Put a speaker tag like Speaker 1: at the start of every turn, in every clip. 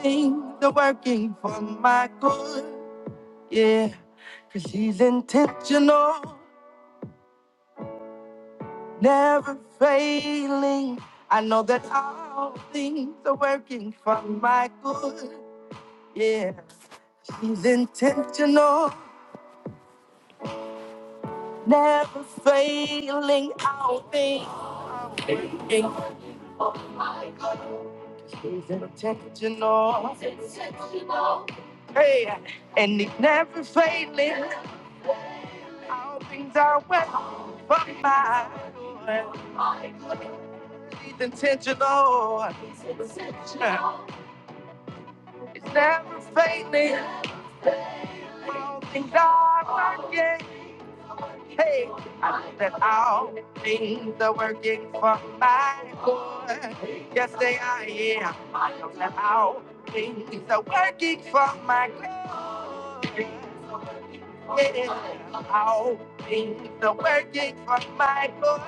Speaker 1: things are working for my good. Yeah, cause he's intentional, never failing. I know that all things are working for my good. Yeah, he's intentional, never failing. All things he's intentional. Hey, and he's never failing. All things are working for my good. It's intentional. It's never fading. All things are working. Hey, I know that all things are working for my good. Yes, they are. Yeah, I know that all things are working for my good. Yeah, all things are working for my good.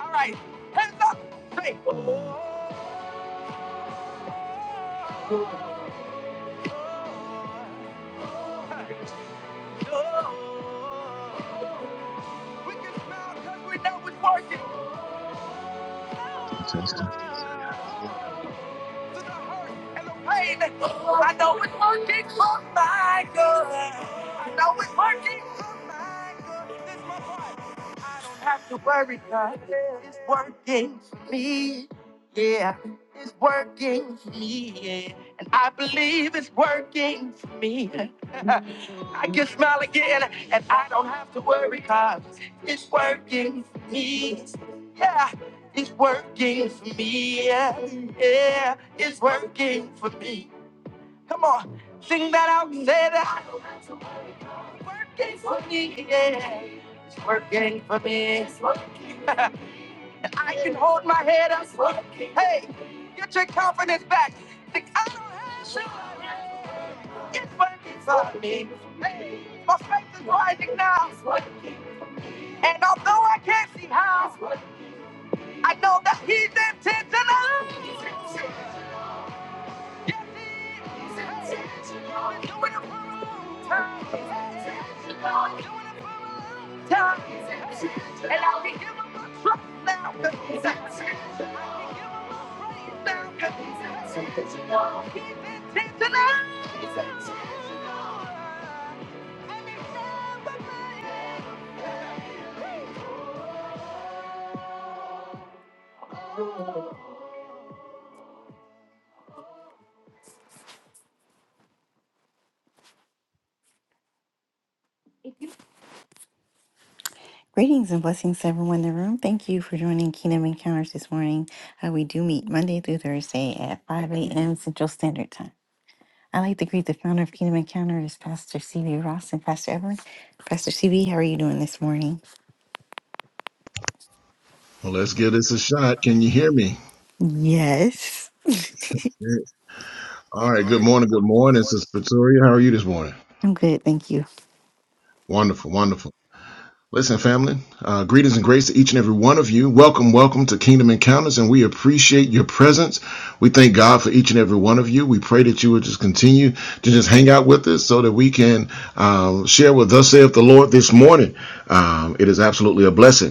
Speaker 1: All right, hands up. Hey. We can smile 'cause we know it's working.
Speaker 2: Testing.
Speaker 1: Through the hurt and the pain, I know it's working for my good. I know it's working for my good. This my part. have to worry, God. It's working for me. Yeah, it's working for me. Yeah. And I believe it's working for me. I can smile again, and I don't have to worry, God. It's working for me. Yeah. It's working for me, yeah, yeah, it's working for me. Come on, sing that out, say that. It's working for me, yeah, it's working for me. I can hold my head up. Hey, get your confidence back. Think I don't have to. It's working for me. Hey, my faith is rising now. And although I can't see how, I know that he's intentional. Time. And I can give him my trust now. Cause he's intentional. Now, 'cause he's intentional. And he's never lying. Greetings and blessings to everyone in the room. Thank you for joining Kingdom Encounters this morning. Uh, we do meet Monday through Thursday at 5 a.m. Central Standard Time. I'd like to greet the founder of Kingdom Encounters, Pastor CB Ross and Pastor Evelyn. Pastor CB, how are you doing this morning?
Speaker 2: Well, let's give this a shot. Can you hear me?
Speaker 1: Yes.
Speaker 2: Yeah. All right. Good morning. Good morning. This is Pretoria. How are you this morning?
Speaker 1: I'm good, thank you.
Speaker 2: Wonderful. Wonderful. Listen, family, uh, greetings and grace to each and every one of you. Welcome, welcome to Kingdom Encounters, and we appreciate your presence. We thank God for each and every one of you. We pray that you would just continue to just hang out with us so that we can um, share with us, saith the Lord, this morning. Um, it is absolutely a blessing.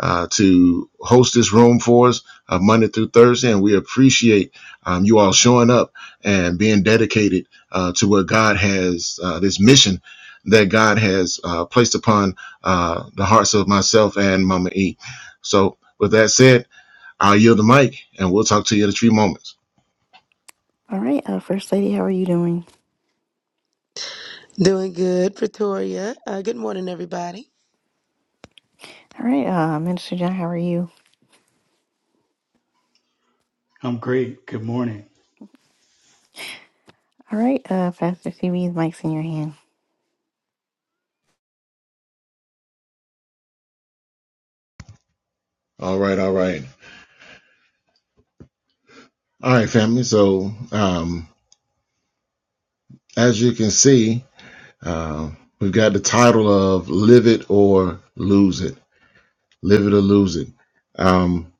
Speaker 2: uh, to host this room for us uh, Monday through Thursday. And we appreciate um, you all showing up and being dedicated uh, to what God has, uh, this mission that God has uh, placed upon uh, the hearts of myself and Mama E. So, with that said, I'll yield the mic and we'll talk to you in a few moments.
Speaker 1: All right, uh, First Lady, how are you doing?
Speaker 3: Doing good, Pretoria. Uh, good morning, everybody.
Speaker 1: All right, uh, Minister John, how are you?
Speaker 4: I'm great. Good morning.
Speaker 1: All right, uh, Pastor CB, mic's in your hand.
Speaker 2: All right, all right. All right, family. So, um, as you can see, uh, we've got the title of Live It or Lose It. Live it or lose it. Um,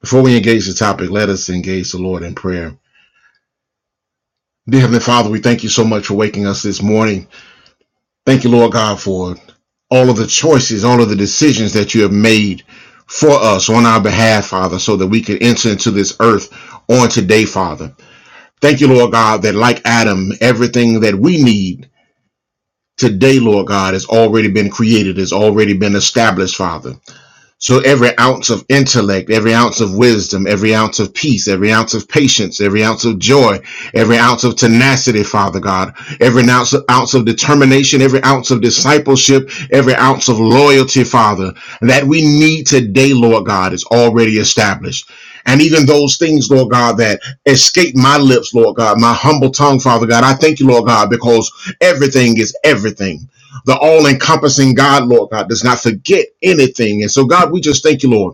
Speaker 2: before we engage the topic, let us engage the Lord in prayer. Dear Heavenly Father, we thank you so much for waking us this morning. Thank you, Lord God, for all of the choices, all of the decisions that you have made for us on our behalf, Father, so that we can enter into this earth on today, Father. Thank you, Lord God, that like Adam, everything that we need today, Lord God, has already been created, has already been established, Father. So every ounce of intellect, every ounce of wisdom, every ounce of peace, every ounce of patience, every ounce of joy, every ounce of tenacity, Father God, every ounce of, ounce of determination, every ounce of discipleship, every ounce of loyalty, Father, that we need today, Lord God, is already established. And even those things, Lord God, that escape my lips, Lord God, my humble tongue, Father God, I thank you, Lord God, because everything is everything the all encompassing God, Lord God, does not forget anything. And so, God, we just thank you, Lord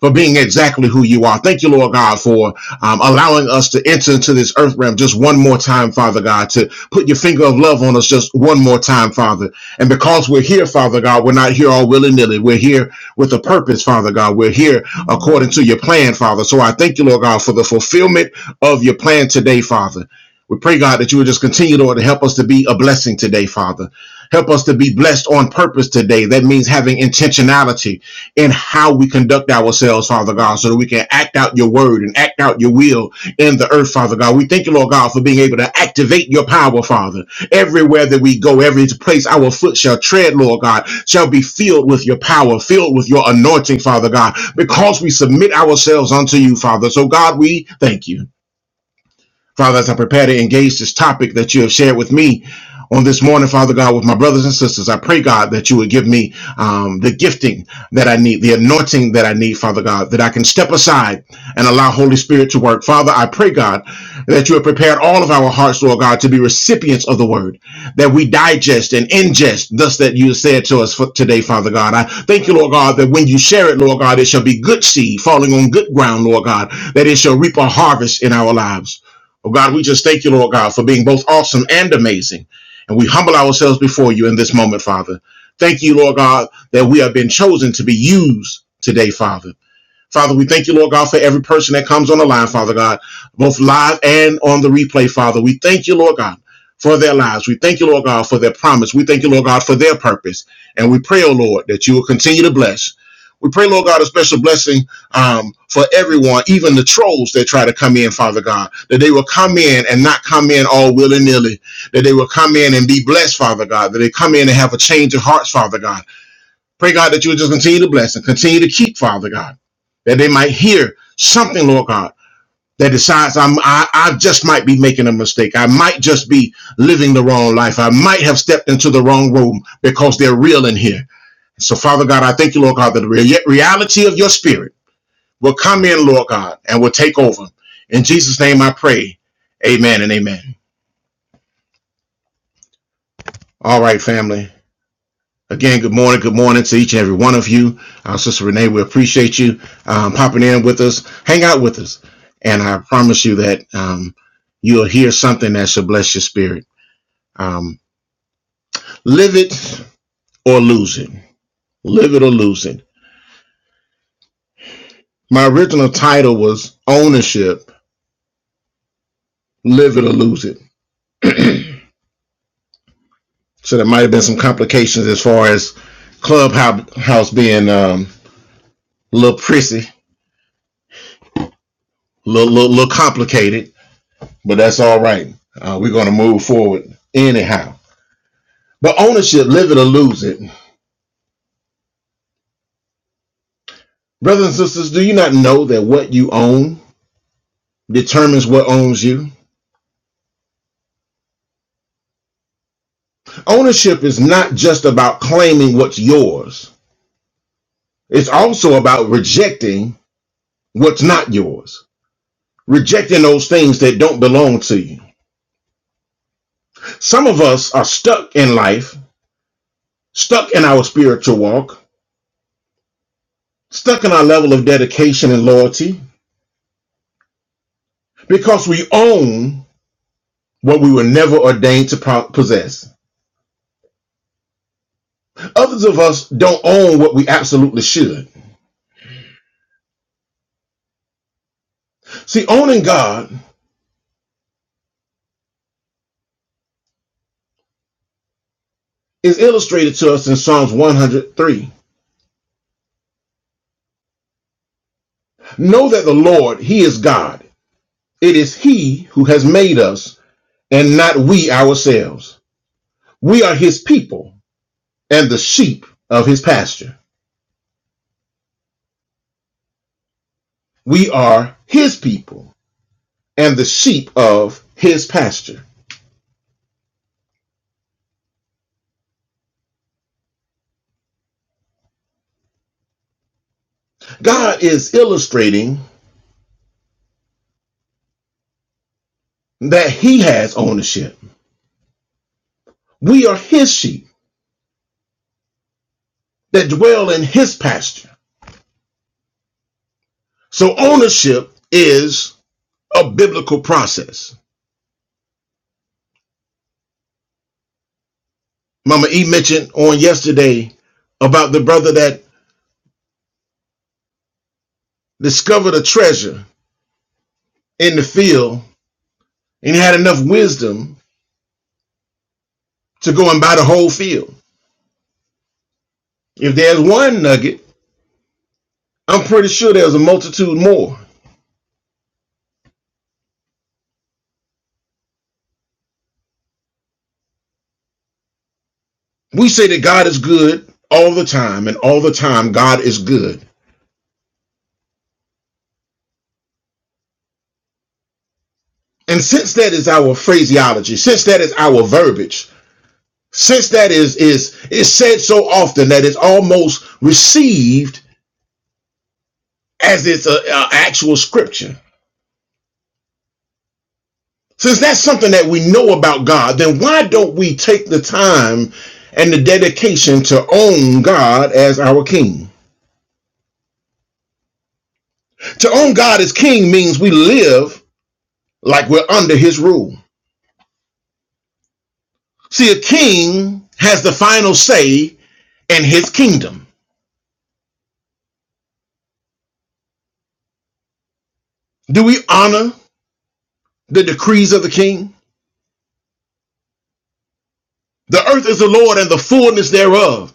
Speaker 2: for being exactly who you are. Thank you, Lord God, for um, allowing us to enter into this earth realm just one more time, Father God, to put your finger of love on us just one more time, Father. And because we're here, Father God, we're not here all willy nilly. We're here with a purpose, Father God. We're here according to your plan, Father. So I thank you, Lord God, for the fulfillment of your plan today, Father. We pray, God, that you would just continue, Lord, to help us to be a blessing today, Father. Help us to be blessed on purpose today. That means having intentionality in how we conduct ourselves, Father God, so that we can act out your word and act out your will in the earth, Father God. We thank you, Lord God, for being able to activate your power, Father. Everywhere that we go, every place our foot shall tread, Lord God, shall be filled with your power, filled with your anointing, Father God, because we submit ourselves unto you, Father. So, God, we thank you. Father, as I prepare to engage this topic that you have shared with me on this morning, Father God, with my brothers and sisters, I pray, God, that you would give me um, the gifting that I need, the anointing that I need, Father God, that I can step aside and allow Holy Spirit to work. Father, I pray, God, that you have prepared all of our hearts, Lord God, to be recipients of the word, that we digest and ingest, thus that you said to us for today, Father God. I thank you, Lord God, that when you share it, Lord God, it shall be good seed falling on good ground, Lord God, that it shall reap a harvest in our lives. Oh God, we just thank you, Lord God, for being both awesome and amazing. And we humble ourselves before you in this moment, Father. Thank you, Lord God, that we have been chosen to be used today, Father. Father, we thank you, Lord God, for every person that comes on the line, Father God, both live and on the replay, Father. We thank you, Lord God, for their lives. We thank you, Lord God, for their promise. We thank you, Lord God, for their purpose. And we pray, oh Lord, that you will continue to bless. We pray, Lord God, a special blessing um, for everyone, even the trolls that try to come in, Father God, that they will come in and not come in all willy nilly, that they will come in and be blessed, Father God, that they come in and have a change of hearts, Father God Pray, God, that you would just continue to bless and continue to keep, Father God, that they might hear something, Lord God, that decides I'm, I, I just might be making a mistake. I might just be living the wrong life. I might have stepped into the wrong room because they're real in here. So, Father God, I thank you, Lord God, that the reality of your spirit will come in, Lord God, and will take over. In Jesus' name I pray. Amen and amen. All right, family. Again, good morning. Good morning to each and every one of you. Uh, Sister Renee, we appreciate you um, popping in with us. Hang out with us. And I promise you that um, you'll hear something that should bless your spirit. Um, live it or lose it. Live it or lose it. My original title was Ownership Live It or Lose It. So there might have been some complications as far as Clubhouse being um, a little prissy, a little, little, little complicated but that's all right. Uh, we're going to move forward anyhow. But ownership, live it or lose it. Brothers and sisters, do you not know that what you own determines what owns you? Ownership is not just about claiming what's yours, it's also about rejecting what's not yours, rejecting those things that don't belong to you. Some of us are stuck in life, stuck in our spiritual walk, stuck in our level of dedication and loyalty because we own what we were never ordained to possess. Others of us don't own what we absolutely should. See, owning God is illustrated to us in Psalms 103. Know that the Lord, He is God. It is He who has made us and not we ourselves. We are His people and the sheep of His pasture. We are His people and the sheep of His pasture. God is illustrating that He has ownership. We are His sheep that dwell in his pasture. So ownership is a biblical process. Mama E mentioned on yesterday about the brother that discovered a treasure in the field and he had enough wisdom to go and buy the whole field. If there's one nugget, I'm pretty sure there's a multitude more. We say that God is good all the time, and all the time, God is good. And since that is our phraseology, since that is our verbiage, Since that is is is said so often that it's almost received as it's a, a actual scripture. Since that's something that we know about God, then why don't we take the time and the dedication to own God as our King? To own God as King means we live like we're under His rule. See, a king has the final say in his kingdom. Do we honor the decrees of the king? The earth is the Lord and the fullness thereof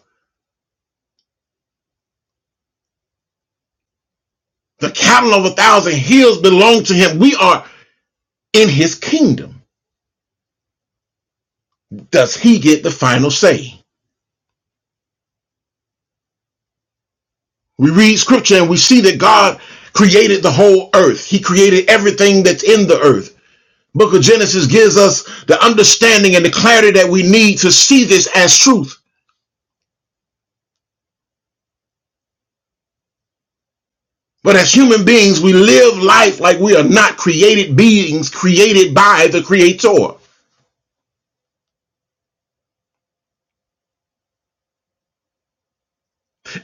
Speaker 2: The cattle of a thousand hills belong to him. We are in his kingdom. Does he get the final say? We read scripture and we see that God created the whole earth. He created everything that's in the earth. Book of Genesis gives us the understanding and the clarity that we need to see this as truth. But as human beings, we live life like we are not created beings created by the creator.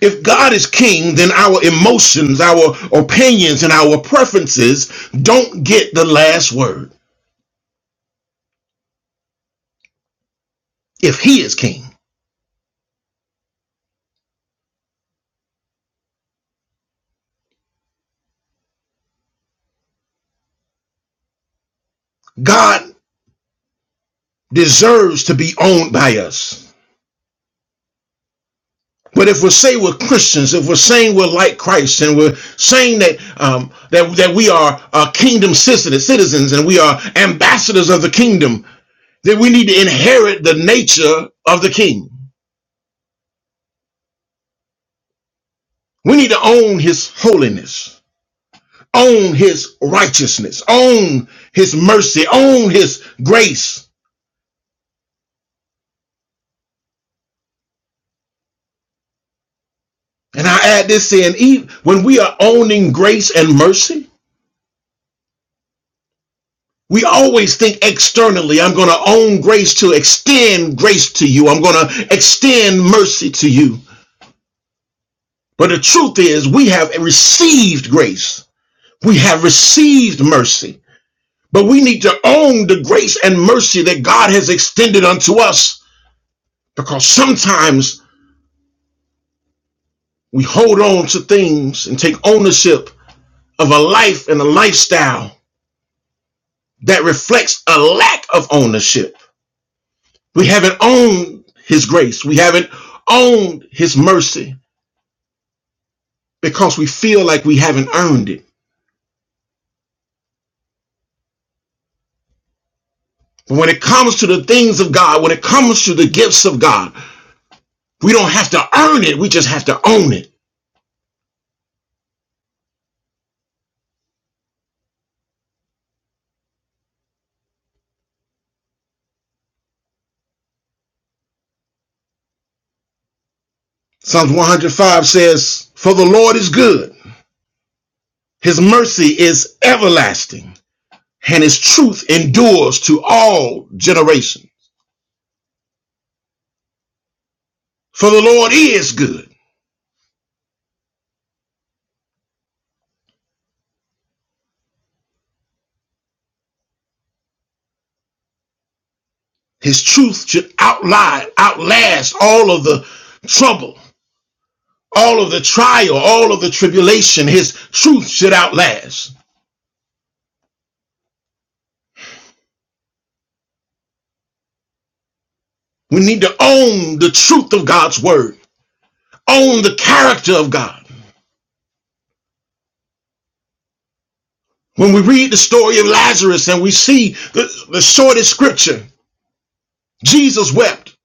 Speaker 2: If God is king, then our emotions, our opinions, and our preferences don't get the last word. If he is king, God deserves to be owned by us. But if we say we're Christians, if we're saying we're like Christ, and we're saying that um, that that we are uh, kingdom citizens, citizens, and we are ambassadors of the kingdom, then we need to inherit the nature of the King. We need to own His holiness. on his righteousness, on his mercy, on his grace. And I add this in, even when we are owning grace and mercy, we always think externally, I'm going to own grace to extend grace to you. I'm going to extend mercy to you. But the truth is, we have received grace. We have received mercy. But we need to own the grace and mercy that God has extended unto us because sometimes We hold on to things and take ownership of a life and a lifestyle that reflects a lack of ownership. We haven't owned His grace, we haven't owned His mercy because we feel like we haven't earned it. But when it comes to the things of God, when it comes to the gifts of God, we don't have to earn it, we just have to own it. Psalms 105 says, For the Lord is good, His mercy is everlasting, and His truth endures to all generations. For the Lord is good. His truth should outlie, outlast all of the trouble, all of the trial, all of the tribulation. His truth should outlast. We need to own the truth of God's word, own the character of God. When we read the story of Lazarus and we see the, the shortest scripture, Jesus wept.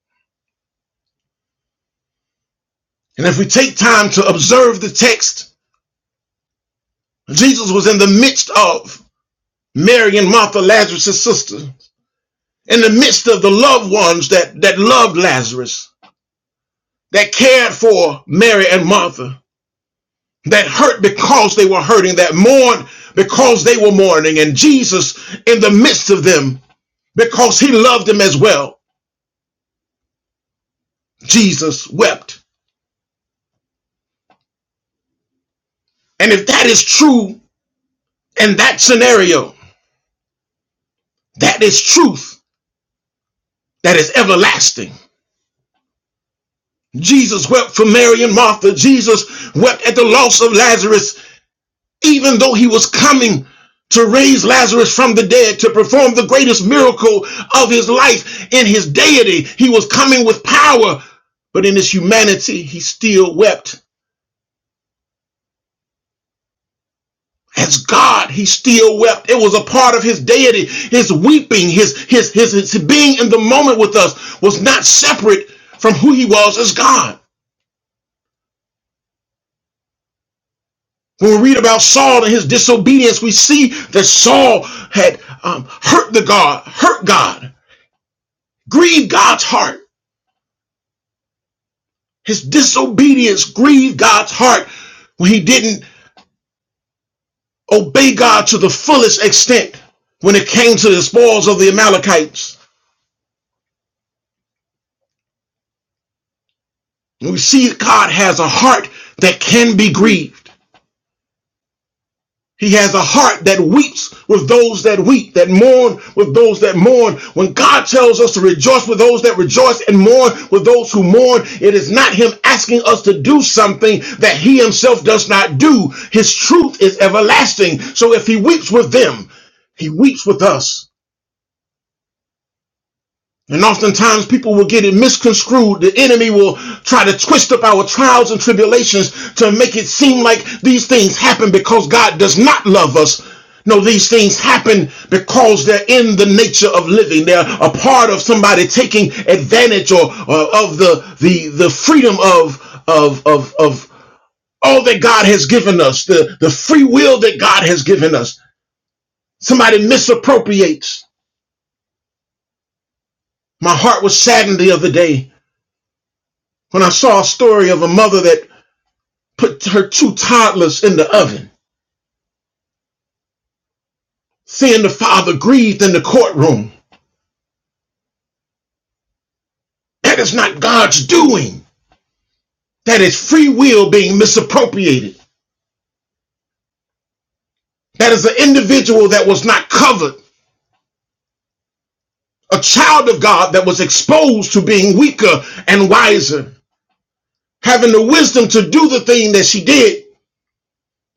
Speaker 2: And if we take time to observe the text, Jesus was in the midst of Mary and Martha, Lazarus' sister. in the midst of the loved ones that, that loved Lazarus, that cared for Mary and Martha, that hurt because they were hurting, that mourned because they were mourning, and Jesus in the midst of them because he loved them as well. Jesus wept. And if that is true in that scenario, that is truth that is everlasting. Jesus wept for Mary and Martha. Jesus wept at the loss of Lazarus. even though he was coming to raise Lazarus from the dead, to perform the greatest miracle of his life in his deity, he was coming with power. But in his humanity, he still wept. As God, he still wept. It was a part of his deity. His weeping, his, his, his, his being in the moment with us was not separate from who he was as God. When we read about Saul and his disobedience, we see that Saul had um, hurt the God, hurt God, grieved God's heart. His disobedience grieved God's heart when he didn't obey God to the fullest extent when it came to the spoils of the Amalekites. And we see God has a heart that can be grieved. He has a heart that weeps with those that weep, that mourn with those that mourn. When God tells us to rejoice with those that rejoice and mourn with those who mourn, it is not Him asking us to do something that He Himself does not do. His truth is everlasting. So if He weeps with them, He weeps with us. And oftentimes people will get it misconstrued. The enemy will try to twist up our trials and tribulations to make it seem like these things happen because God does not love us. No, these things happen because they're in the nature of living. They're a part of somebody taking advantage or, or of the, the, the freedom of, of, of, of all that God has given us, the, the free will that God has given us. Somebody misappropriates. My heart was saddened the other day when I saw a story of a mother that put her two toddlers in the oven, seeing the father grieved in the courtroom. That is not God's doing. That is free will being misappropriated. That is an individual that was not covered, a child of God that was exposed to being weaker and wiser, having the wisdom to do the thing that she did,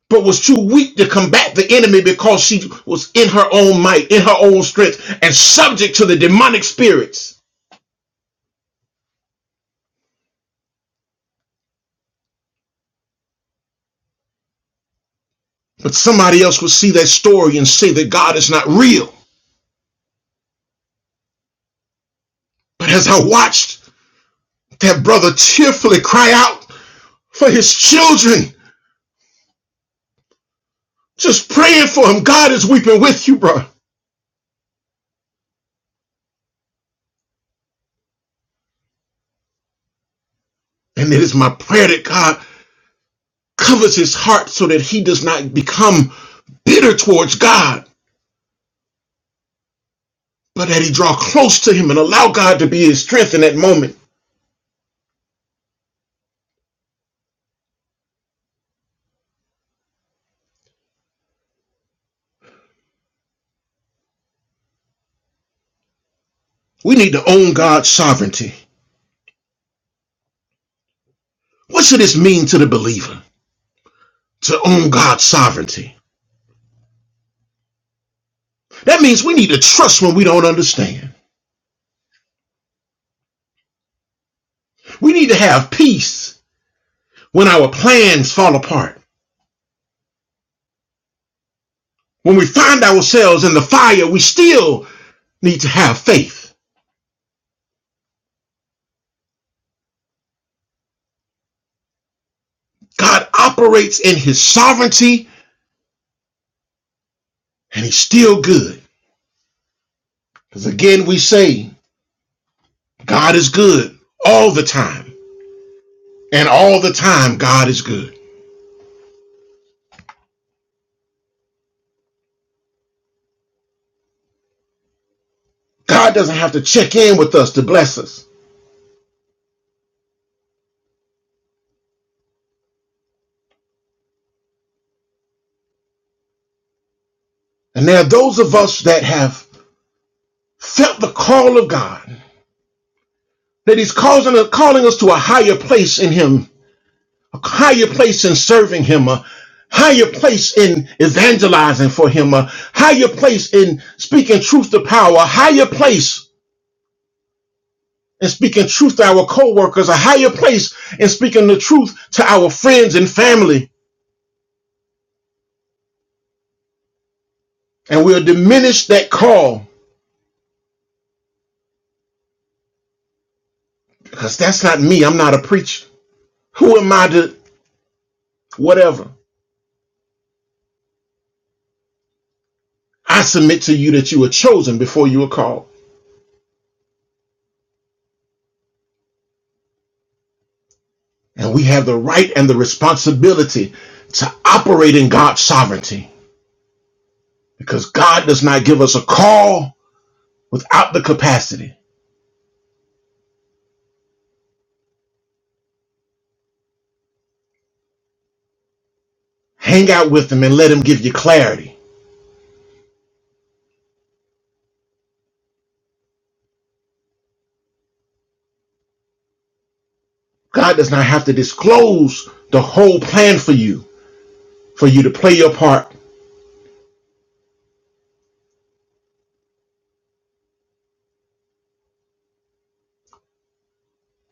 Speaker 2: but was too weak to combat the enemy because she was in her own might, in her own strength, and subject to the demonic spirits. But somebody else would see that story and say that God is not real. But as I watched that brother tearfully cry out for his children, just praying for him, God is weeping with you, bro. And it is my prayer that God covers his heart so that he does not become bitter towards God, but that he draw close to him and allow God to be his strength in that moment. We need to own God's sovereignty. What should this mean to the believer? To own God's sovereignty. That means we need to trust when we don't understand. We need to have peace when our plans fall apart. When we find ourselves in the fire, we still need to have faith. God operates in his sovereignty and he's still good. Because again, we say God is good all the time. And all the time, God is good. God doesn't have to check in with us to bless us. And there are those of us that have felt the call of God, that he's causing, calling us to a higher place in him a higher place in serving him, a higher place in evangelizing for him, a higher place in speaking truth to power, a higher place in speaking truth to our co-workers, a higher place in speaking the truth to our friends and family. And we'll diminish that call because that's not me. I'm not a preacher. Who am I to whatever? I submit to you that you were chosen before you were called. And we have the right and the responsibility to operate in God's sovereignty because God does not give us a call without the capacity. Hang out with Him and let Him give you clarity. God does not have to disclose the whole plan for you, for you to play your part.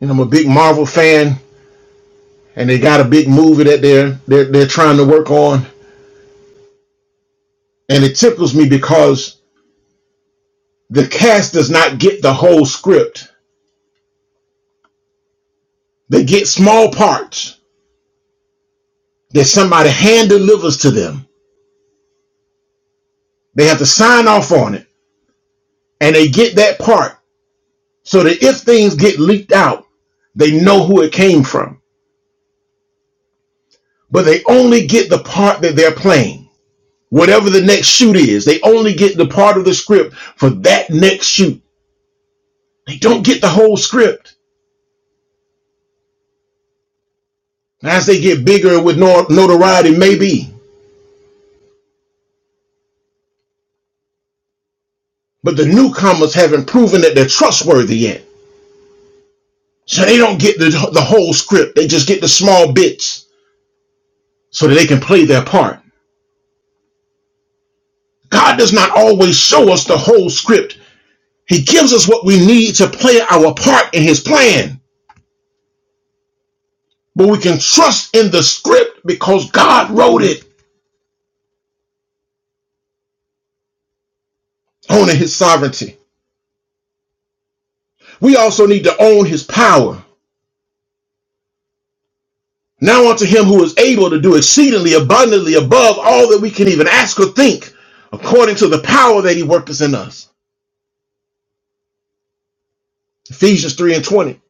Speaker 2: And I'm a big Marvel fan, and they got a big movie that they're they're, they're trying to work on, and it tickles me because the cast does not get the whole script. They get small parts that somebody hand delivers to them. They have to sign off on it, and they get that part so that if things get leaked out, they know who it came from. But they only get the part that they're playing. Whatever the next shoot is, they only get the part of the script for that next shoot. They don't get the whole script. As they get bigger and with no- notoriety, maybe. But the newcomers haven't proven that they're trustworthy yet. So they don't get the, the whole script. They just get the small bits so that they can play their part. God does not always show us the whole script He gives us what we need to play our part in his plan. But we can trust in the script because God wrote it, owning his sovereignty. We also need to own his power. Now unto him who is able to do exceedingly abundantly above all that we can even ask or think, according to the power that he worketh in us. Ephesians 3 and 20.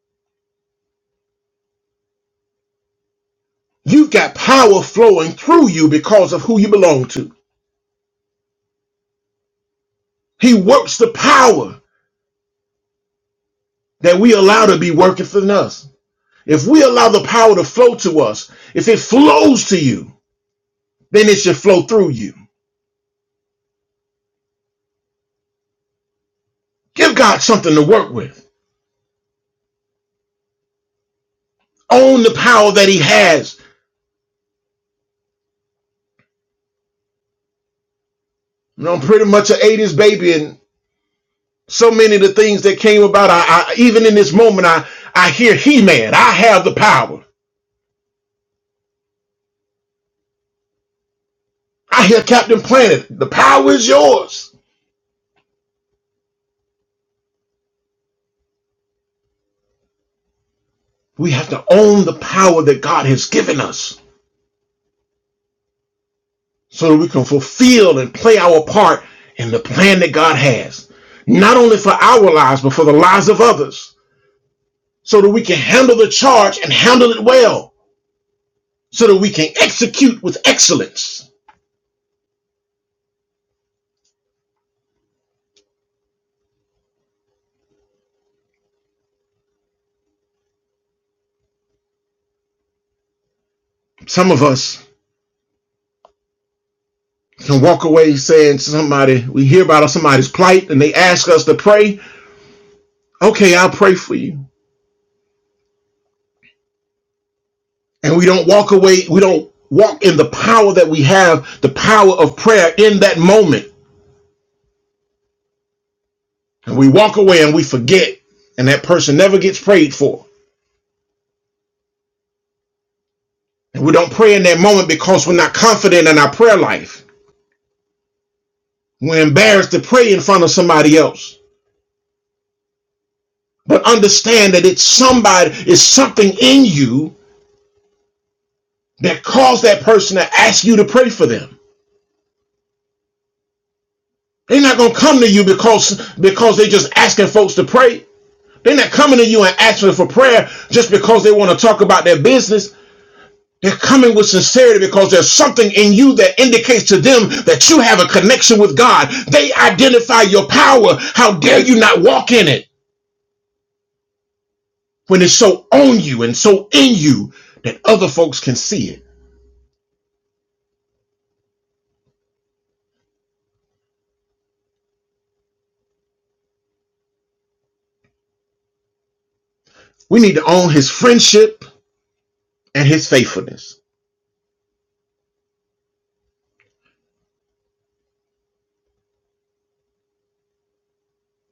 Speaker 2: You've got power flowing through you because of who you belong to. He works the power that we allow to be working for us. If we allow the power to flow to us, if it flows to you, then it should flow through you. Give God something to work with. Own the power that He has. You know, I'm pretty much an 80s baby, and so many of the things that came about, I, I even in this moment, I, I hear He Man, I have the power. I hear Captain Planet, the power is yours. We have to own the power that God has given us. so that we can fulfill and play our part in the plan that God has, not only for our lives, but for the lives of others, so that we can handle the charge and handle it well, so that we can execute with excellence. Some of us can walk away saying to somebody, we hear about somebody's plight and they ask us to pray. Okay, I'll pray for you. And we don't walk away, we don't walk in the power that we have, the power of prayer in that moment and we walk away and we forget, and that person never gets prayed for. And we don't pray in that moment because we're not confident in our prayer life. We're embarrassed to pray in front of somebody else. But understand that it's somebody, it's something in you that caused that person to ask you to pray for them. They're not gonna come to you because because they're just asking folks to pray. They're not coming to you and asking for prayer just because they want to talk about their business. They're coming with sincerity because there's something in you that indicates to them that you have a connection with God. They identify your power. How dare you not walk in it when it's so on you and so in you that other folks can see it? We need to own his friendship and his faithfulness.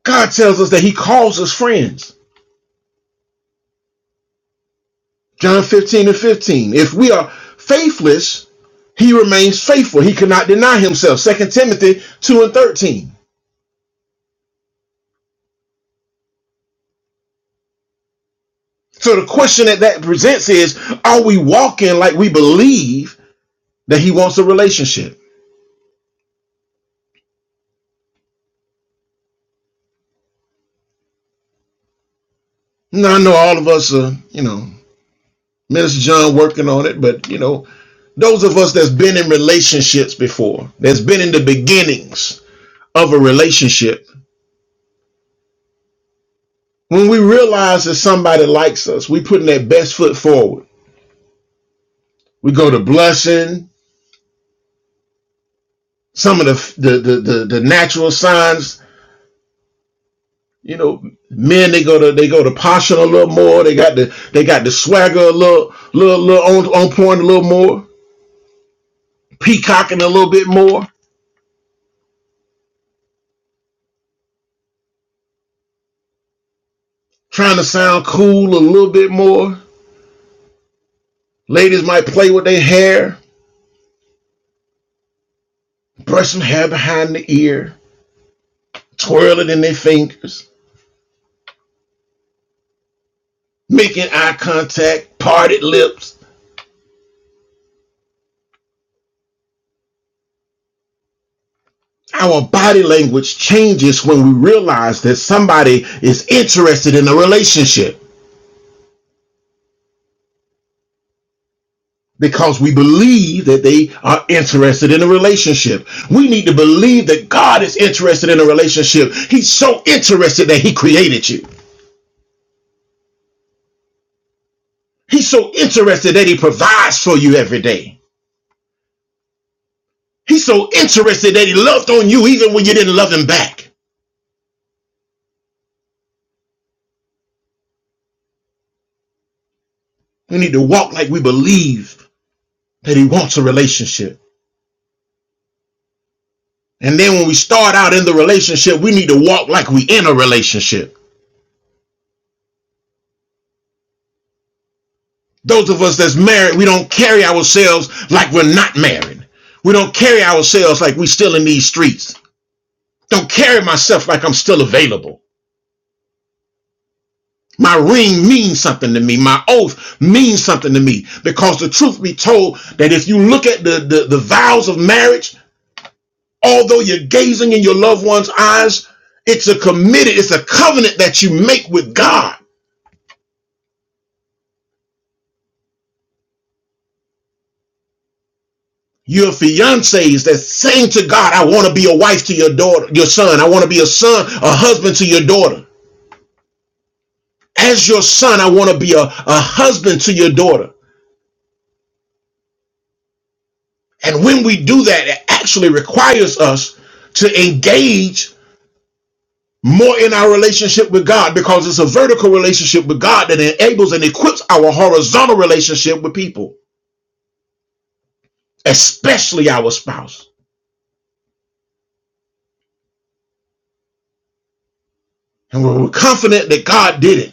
Speaker 2: God tells us that he calls us friends. John 15 and 15. If we are faithless, he remains faithful. He cannot deny himself. Second Timothy 2 and 13. So the question that that presents is, are we walking like we believe that he wants a relationship? Now, I know all of us are, you know, Minister John working on it, but, you know, those of us that's been in relationships before, that's been in the beginnings of a relationship, when we realize that somebody likes us, we putting that best foot forward. We go to blushing, some of the, the, the, the, the natural signs You know, men they go to they go to passion a little more. They got the they got the swagger a little little little on, on point a little more, peacocking a little bit more, trying to sound cool a little bit more. Ladies might play with their hair, brush some hair behind the ear, twirl it in their fingers, making eye contact, parted lips. Our body language changes when we realize that somebody is interested in a relationship. because we believe that they are interested in a relationship. We need to believe that God is interested in a relationship. He's so interested that He created you. He's so interested that He provides for you every day. He's so interested that He loved on you even when you didn't love Him back. We need to walk like we believe that He wants a relationship. And then when we start out in the relationship, we need to walk like we in a relationship. Those of us that's married, we don't carry ourselves like we're not married. We don't carry ourselves like we are still in these streets. Don't carry myself like I'm still available. My ring means something to me. My oath means something to me. Because the truth be told, that if you look at the, the, the vows of marriage, although you're gazing in your loved one's eyes, it's a committed, it's a covenant that you make with God. Your fiancés that saying to God, I want to be a wife to your daughter, your son. I want to be a son, a husband to your daughter. As your son, I want to be a, a husband to your daughter. And when we do that, it actually requires us to engage more in our relationship with God because it's a vertical relationship with God that enables and equips our horizontal relationship with people, especially our spouse. And we're confident that God did it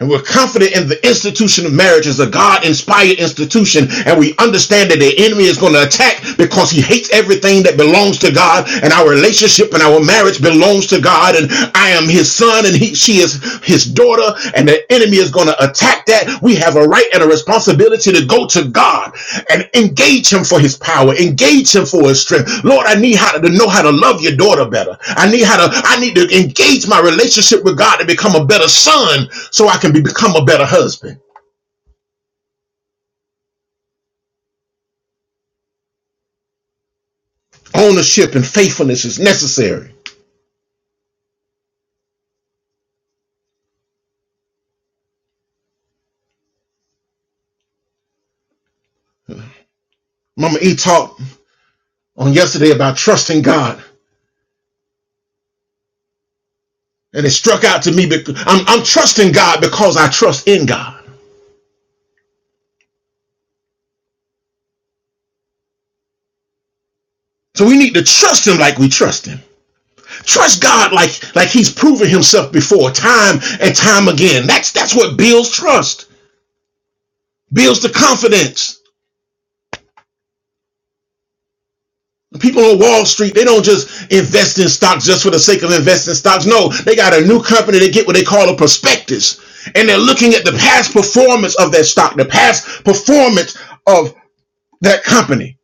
Speaker 2: And we're confident in the institution of marriage as a God inspired institution. And we understand that the enemy is going to attack because he hates everything that belongs to God. And our relationship and our marriage belongs to God. And I am his son and he, she is his daughter. And the enemy is going to attack that, we have a right and a responsibility to go to God and engage Him for His power, engage Him for His strength. Lord, I need how to, to know how to love your daughter better. I need how to, I need to engage my relationship with God to become a better son so I can be, become a better husband. Ownership and faithfulness is necessary. Mama E talked on yesterday about trusting God, and it struck out to me because I'm, I'm trusting God because I trust in God. So we need to trust Him like we trust Him. Trust God like like He's proven Himself before, time and time again. That's that's what builds trust, builds the confidence. The People on Wall Street, they don't just invest in stocks just for the sake of investing stocks. No, they got a new company. They get what they call a prospectus, and they're looking at the past performance of that stock, the past performance of that company,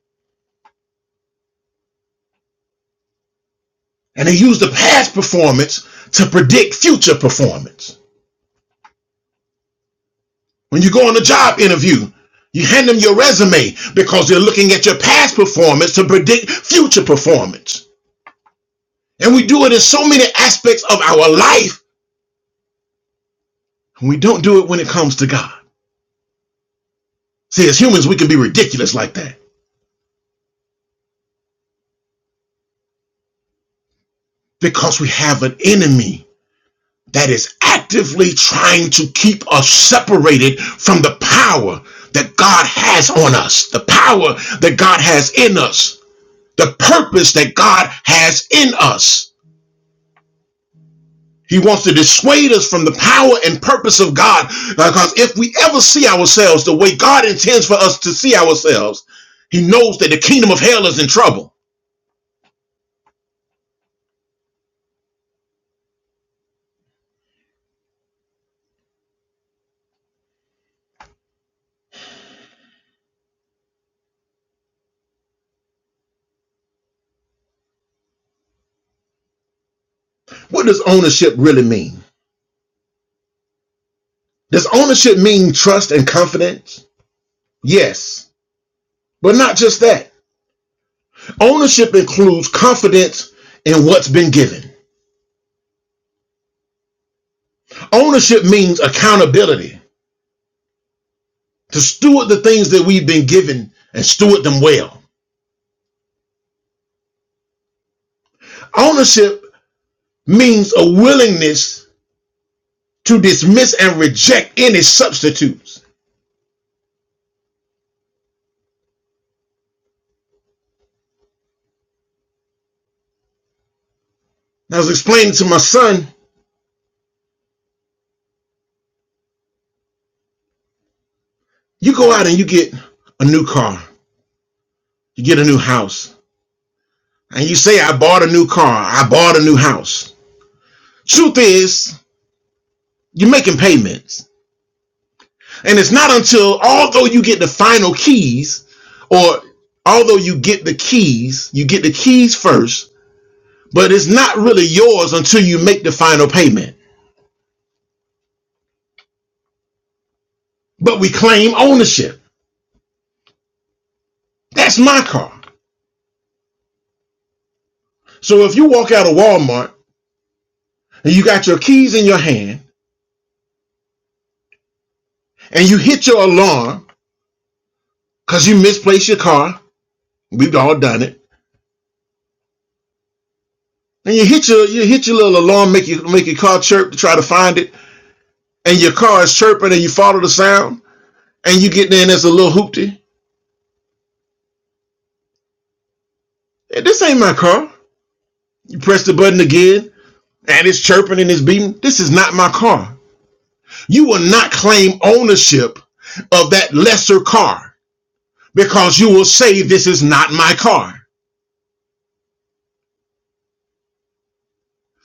Speaker 2: and they use the past performance to predict future performance. When you go on a job interview, you hand them your resume because they're looking at your past performance to predict future performance. And we do it in so many aspects of our life. and We don't do it when it comes to God. See, as humans, we can be ridiculous like that because we have an enemy that is actively trying to keep us separated from the power that God has on us, the power that God has in us, the purpose that God has in us. He wants to dissuade us from the power and purpose of God. Because if we ever see ourselves the way God intends for us to see ourselves, he knows that the kingdom of hell is in trouble. What does ownership really mean? Does ownership mean trust and confidence? Yes, but not just that. Ownership includes confidence in what's been given. Ownership means accountability to steward the things that we've been given and steward them well. Ownership means a willingness to dismiss and reject any substitutes. And I was explaining to my son, you go out and you get a new car, you get a new house, and you say, I bought a new car, I bought a new house. Truth is, you're making payments. And it's not until, although you get the final keys, or although you get the keys, you get the keys first, but it's not really yours until you make the final payment. But we claim ownership. That's my car. So if you walk out of Walmart, and you got your keys in your hand and you hit your alarm because you misplaced your car. We've all done it. And you hit your you hit your little alarm, make you make your car chirp to try to find it, and your car is chirping and you follow the sound, and you get there and there's a little hoopty. "Hey, This ain't my car. You press the button again and it's chirping and it's beeping. This is not my car. You will not claim ownership of that lesser car because you will say this is not my car.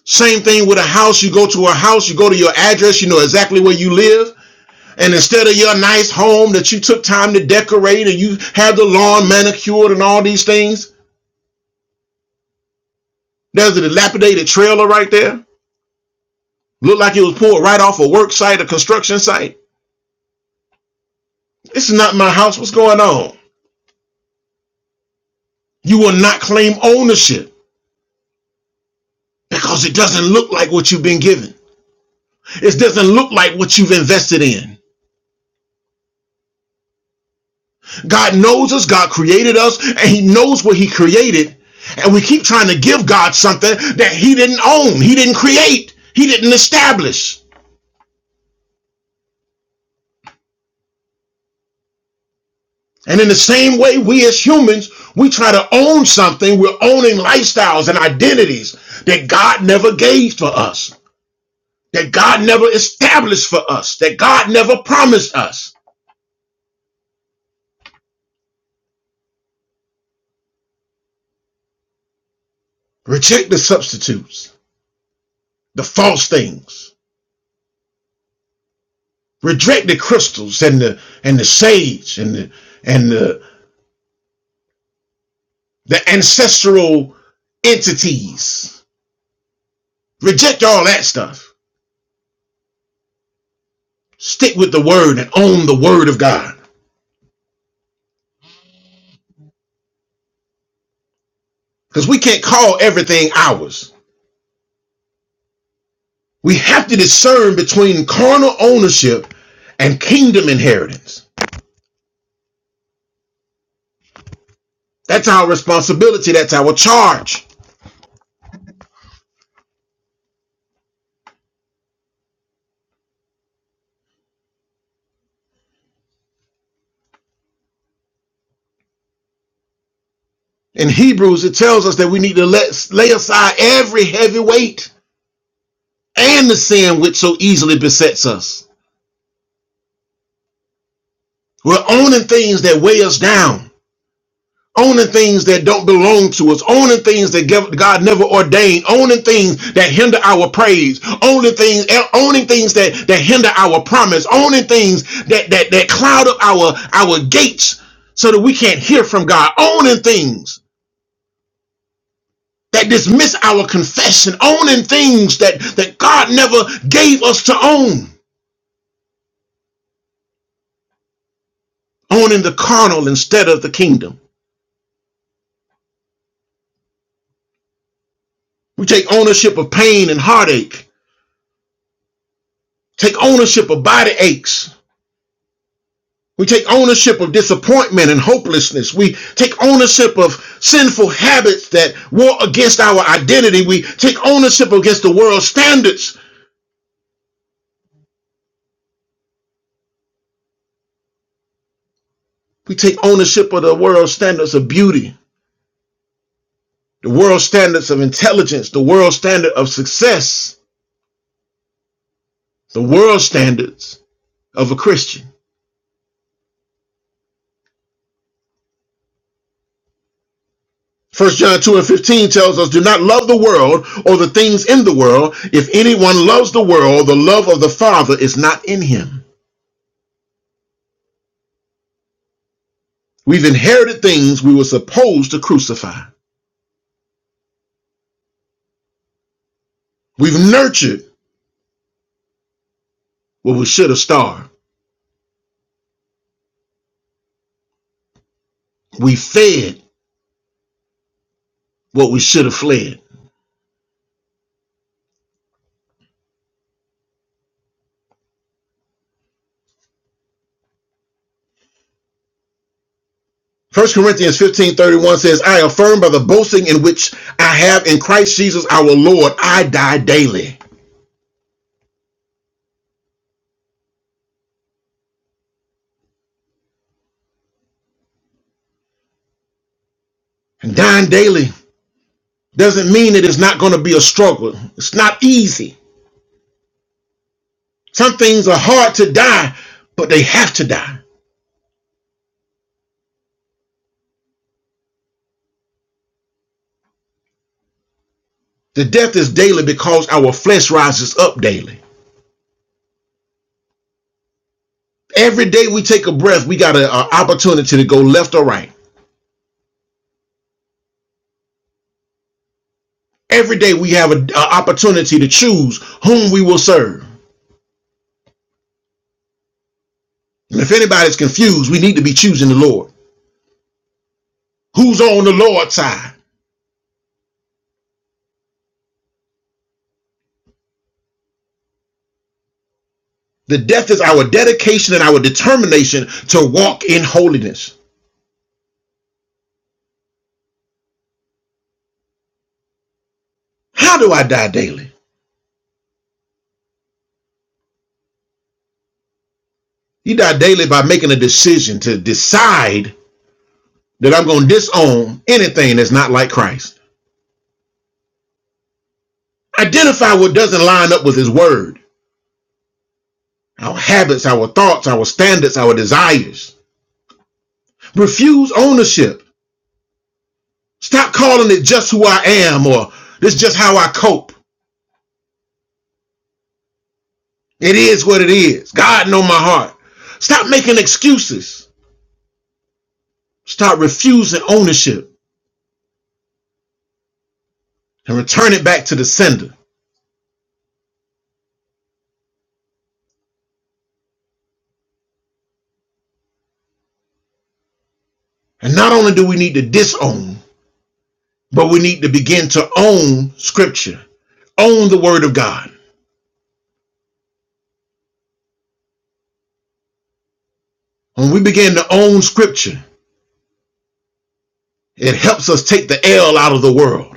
Speaker 2: Same thing with a house. You go to a house, you go to your address, you know exactly where you live. And instead of your nice home that you took time to decorate and you have the lawn manicured and all these things, there's a dilapidated trailer right there. Looked like it was pulled right off a work site, a construction site. This is not my house. What's going on? You will not claim ownership because it doesn't look like what you've been given. It doesn't look like what you've invested in. God knows us, God created us, and He knows what He created. And we keep trying to give God something that He didn't own, He didn't create, He didn't establish. And in the same way, we as humans, we try to own something. We're owning lifestyles and identities that God never gave for us, that God never established for us, that God never promised us. Reject the substitutes, the false things. Reject the crystals and the and the sage and the and the the ancestral entities. Reject all that stuff. Stick with the word and own the word of God. Because we can't call everything ours. We have to discern between carnal ownership and kingdom inheritance. That's our responsibility. That's our charge. In Hebrews, it tells us that we need to let, lay aside every heavy weight and the sin which so easily besets us. We're owning things that weigh us down owning things that don't belong to us, owning things that God never ordained, owning things that hinder our praise, owning things, eh, owning things that that hinder our promise, owning things that that that cloud up our our gates so that we can't hear from God, owning things that dismiss our confession, owning things that that God never gave us to own, owning the carnal instead of the kingdom. We take ownership of pain and heartache, take ownership of body aches We take ownership of disappointment and hopelessness. We take ownership of sinful habits that war against our identity. We take ownership against the world's standards. We take ownership of the world's standards of beauty, the world's standards of intelligence, the world's standard of success, the world's standards of a Christian. First John 2 and 15 tells us, Do not love the world or the things in the world. If anyone loves the world, the love of the Father is not in him. We've inherited things we were supposed to crucify. We've nurtured what we should have starved. We fed what we should have fled. First Corinthians fifteen thirty one says, I affirm by the boasting in which I have in Christ Jesus our Lord, I die daily. And dying daily doesn't mean it is not going to be a struggle. It's not easy. Some things are hard to die, but they have to die. The death is daily because our flesh rises up daily. Every day we take a breath, we got an opportunity to go left or right. Every day we have an opportunity to choose whom we will serve. And if anybody's confused, we need to be choosing the Lord. Who's on the Lord's side? The death is our dedication and our determination to walk in holiness. How do I die daily? You die daily by making a decision to decide that I'm going to disown anything that's not like Christ. Identify what doesn't line up with his word. our habits, our thoughts, our standards, our desires. Refuse ownership. Stop calling it just who I am or this just how I cope. It is what it is. God know my heart. Stop making excuses. Stop refusing ownership and return it back to the sender. And not only do we need to disown, but we need to begin to own scripture. Own the word of God. When we begin to own scripture, it helps us take the L out of the world.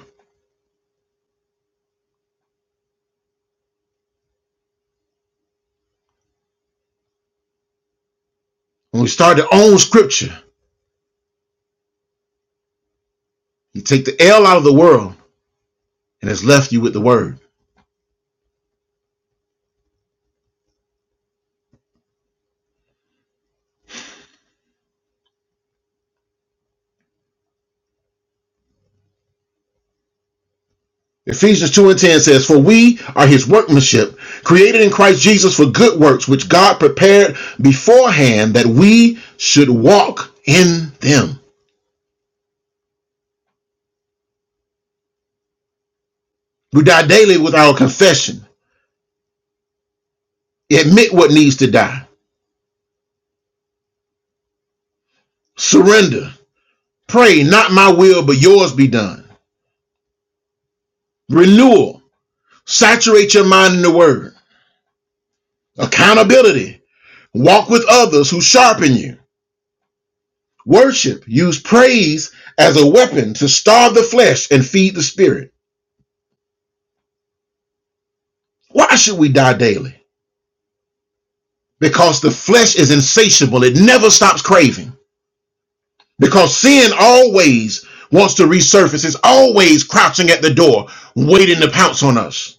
Speaker 2: When we start to own scripture, You take the L out of the world and has left you with the word. Ephesians 2 and 10 says, For we are his workmanship, created in Christ Jesus for good works, which God prepared beforehand that we should walk in them. We die daily with our confession. Admit what needs to die. Surrender. Pray, not my will, but yours be done. Renewal. Saturate your mind in the word. Accountability. Walk with others who sharpen you Worship used praise as a weapon to starve the flesh and feed the spirit. Why should we die daily? Because the flesh is insatiable, it never stops craving. Because sin always wants to resurface, it's always crouching at the door, waiting to pounce on us.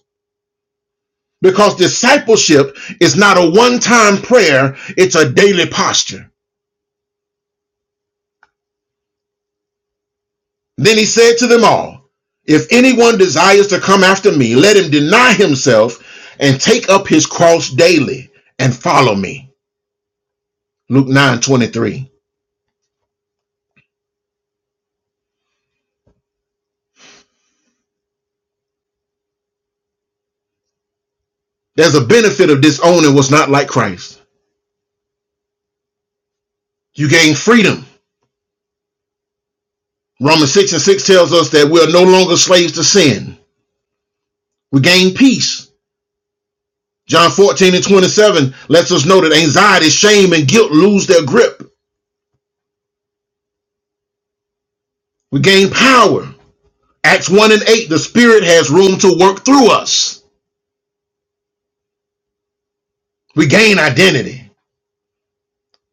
Speaker 2: Because discipleship is not a one time prayer, it's a daily posture. Then he said to them all, If anyone desires to come after me, let him deny himself and take up his cross daily and follow me. Luke 9 23. There's a benefit of disowning what's not like Christ. You gain freedom. Romans 6 and 6 tells us that we are no longer slaves to sin. We gain peace. John 14 and 27 lets us know that anxiety, shame, and guilt lose their grip. We gain power. Acts 1 and 8, the Spirit has room to work through us. We gain identity.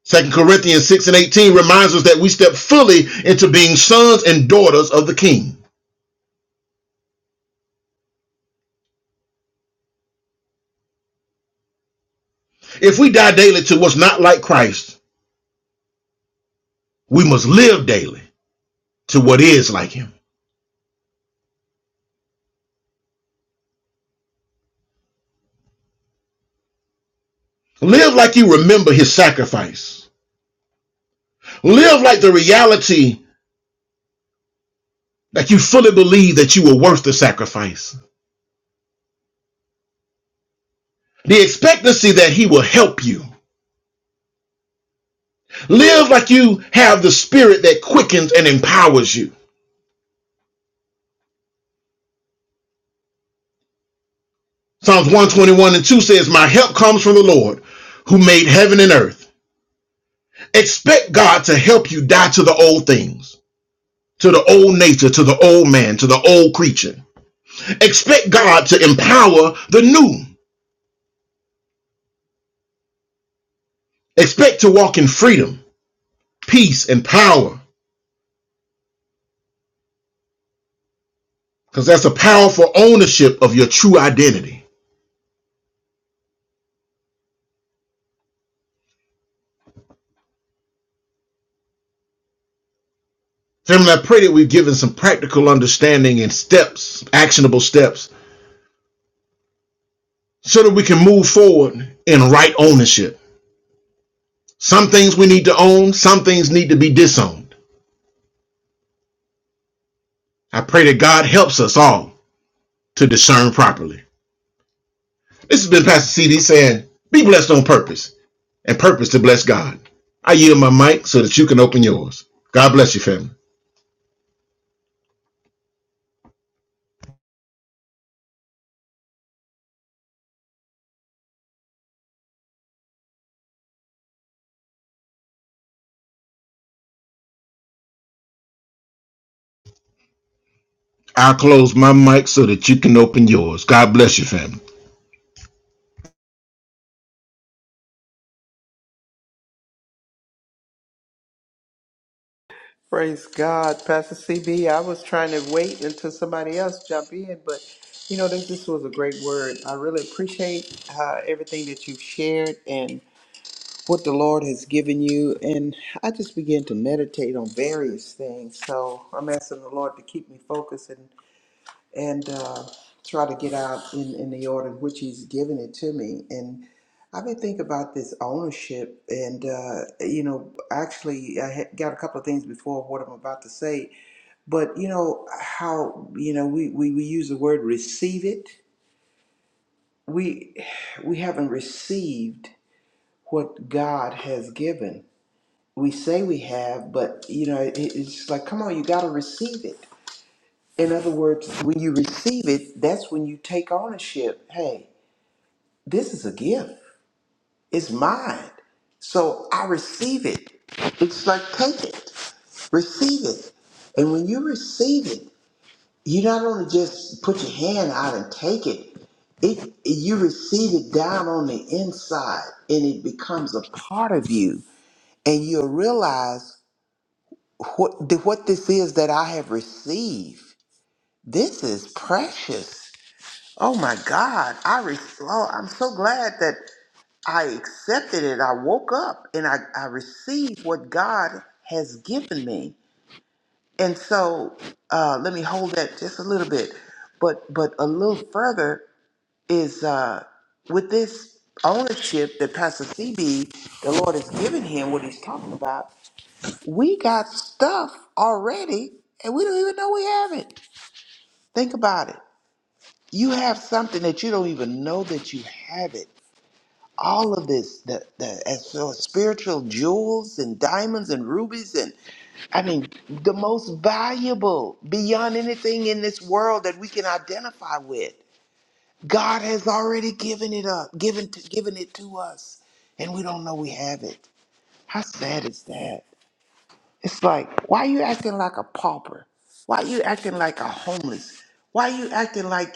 Speaker 2: Second Corinthians 6 and 18 reminds us that we step fully into being sons and daughters of the King. If we die daily to what's not like Christ, we must live daily to what is like him. Live like you remember his sacrifice. Live like the reality that you fully believe that you were worth the sacrifice. The expectancy that he will help you. Live like you have the spirit that quickens and empowers you. Psalms 121 and 2 says, My help comes from the Lord who made heaven and earth. Expect God to help you die to the old things, to the old nature, to the old man, to the old creature. Expect God to empower the new. Expect to walk in freedom, peace, and power, because that's a powerful ownership of your true identity. Family, I pray that we've given some practical understanding and steps, actionable steps, so that we can move forward in right ownership. Some things we need to own, some things need to be disowned. I pray that God helps us all to discern properly. This has been Pastor CD saying, Be blessed on purpose and purpose to bless God. I yield my mic so that you can open yours. God bless you, family. I close my mic so that you can open yours. God bless you, family.
Speaker 5: Praise God, Pastor CB. I was trying to wait until somebody else jump in, but you know this this was a great word. I really appreciate uh, everything that you've shared and what the Lord has given you. And I just began to meditate on various things. So I'm asking the Lord to keep me focused and uh, try to get out in, in the order in which he's given it to me. And I've been thinking about this ownership, and uh, you know, actually, I had got a couple of things before what I'm about to say, but you know how you know we, we, we use the word receive it. We we haven't received what God has given. We say we have, but you know, it, it's like, come on, you got to receive it In other words, when you receive it, that's when you take ownership. Hey, this is a gift. It's mine. So I receive it. It's like take it, receive it. And when you receive it, you not only just put your hand out and take it, it you receive it down on the inside and it becomes a part of you. And you'll realize what, what this is that I have received. This is precious. Oh my God! I re- oh, I'm so glad that I accepted it. I woke up and I, I received what God has given me. And so, uh, let me hold that just a little bit, but but a little further is uh, with this ownership that Pastor CB, the Lord has given him, what he's talking about. We got stuff already, and we don't even know we have it. Think about it. You have something that you don't even know that you have it all of this the, the as far as spiritual jewels and diamonds and rubies and i mean the most valuable beyond anything in this world that we can identify with god has already given it up given to, given it to us and we don't know we have it how sad is that it's like why are you acting like a pauper why are you acting like a homeless why are you acting like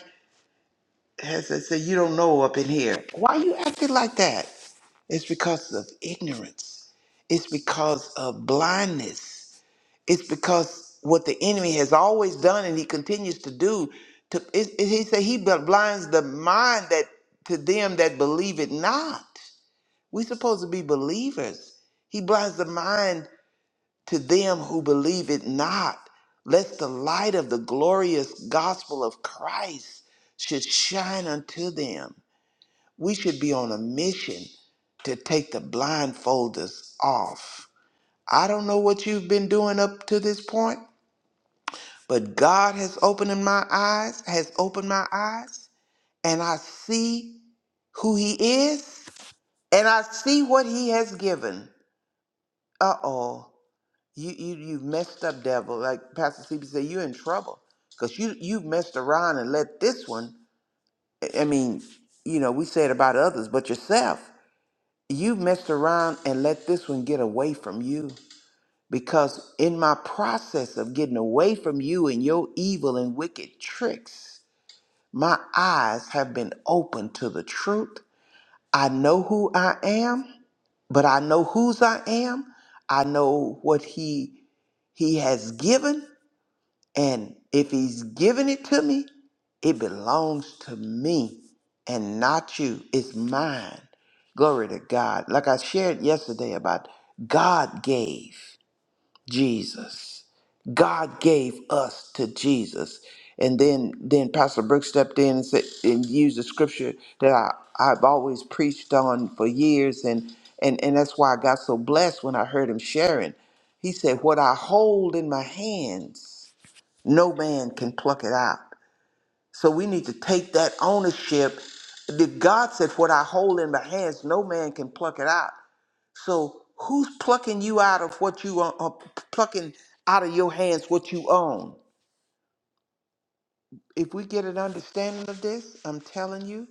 Speaker 5: Hesed said, You don't know up in here. Why you acting like that? It's because of ignorance. It's because of blindness. It's because what the enemy has always done and he continues to do. To, it, it- he said he blinds the mind that to them that believe it not. We're supposed to be believers. He blinds the mind to them who believe it not, lest the light of the glorious gospel of Christ should shine unto them. We should be on a mission to take the blindfolders off. I don't know what you've been doing up to this point, but God has opened my eyes, has opened my eyes, and I see who He is, and I see what He has given. Uh oh, you you you have messed up, devil. Like Pastor CB said, you're in trouble because you you have messed around and let this one. I I mean, you know, we said about others, but yourself. You've messed around and let this one get away from you. Because in my process of getting away from you and your evil and wicked tricks, my eyes have been open to the truth. I know who I am, but I know whose I am. I know what he he has given and if he's giving it to me, it belongs to me and not you. It's mine. Glory to God. Like I shared yesterday about God gave Jesus. God gave us to Jesus. And then then Pastor Brooks stepped in and said and used the scripture that I, I've always preached on for years and and, and that's why I got so blessed when I heard him sharing. He said, What I hold in my hands. No man can pluck it out. So we need to take that ownership. The God said, What I hold in my hands, no man can pluck it out. So who's plucking you out of what you own, or plucking out of your hands what you own? If we get an understanding of this, I'm telling you,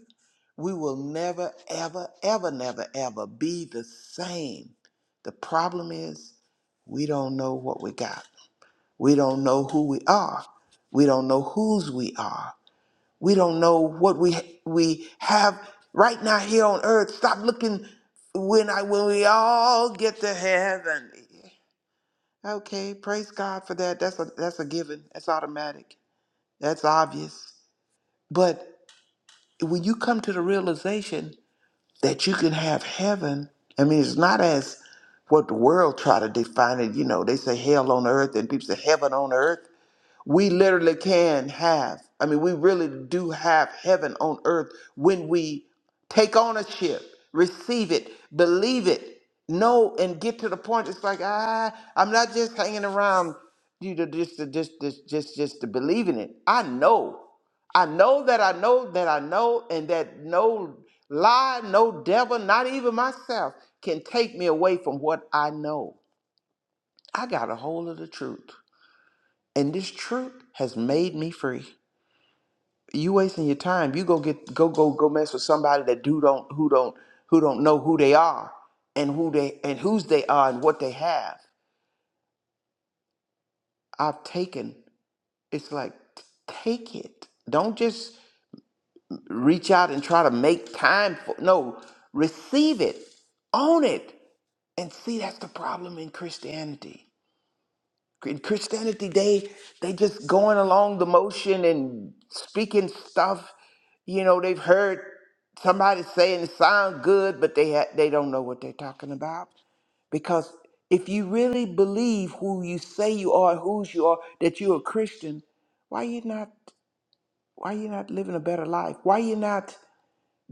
Speaker 5: we will never, ever, ever, never, ever be the same. The problem is we don't know what we got. We don't know who we are. We don't know whose we are We don't know what we we have right now here on earth. Stop looking when I when we all get to heaven. Okay, praise God for that. That's a that's a given. That's automatic. That's obvious. But when you come to the realization that you can have heaven, I mean, it's not as what the world try to define it. You know, they say hell on earth, and people say heaven on earth we literally can have i mean we really do have heaven on earth when we take ownership receive it believe it know and get to the point it's like ah i'm not just hanging around you know just to just just just just to believe in it i know i know that i know that i know and that no lie no devil not even myself can take me away from what i know i got a hold of the truth and this truth has made me free. You wasting your time. You go get go go go mess with somebody that do don't who don't who don't know who they are and who they and whose they are and what they have. I've taken. It's like t- take it. Don't just reach out and try to make time for. No, receive it, own it, and see that's the problem in Christianity. in Christianity, they they just going along the motion and speaking stuff. You know, they've heard somebody saying it sounds good, but they ha- they don't know what they're talking about. Because if you really believe who you say you are, whose you are, that you're a Christian, why you not why you not living a better life? Why you not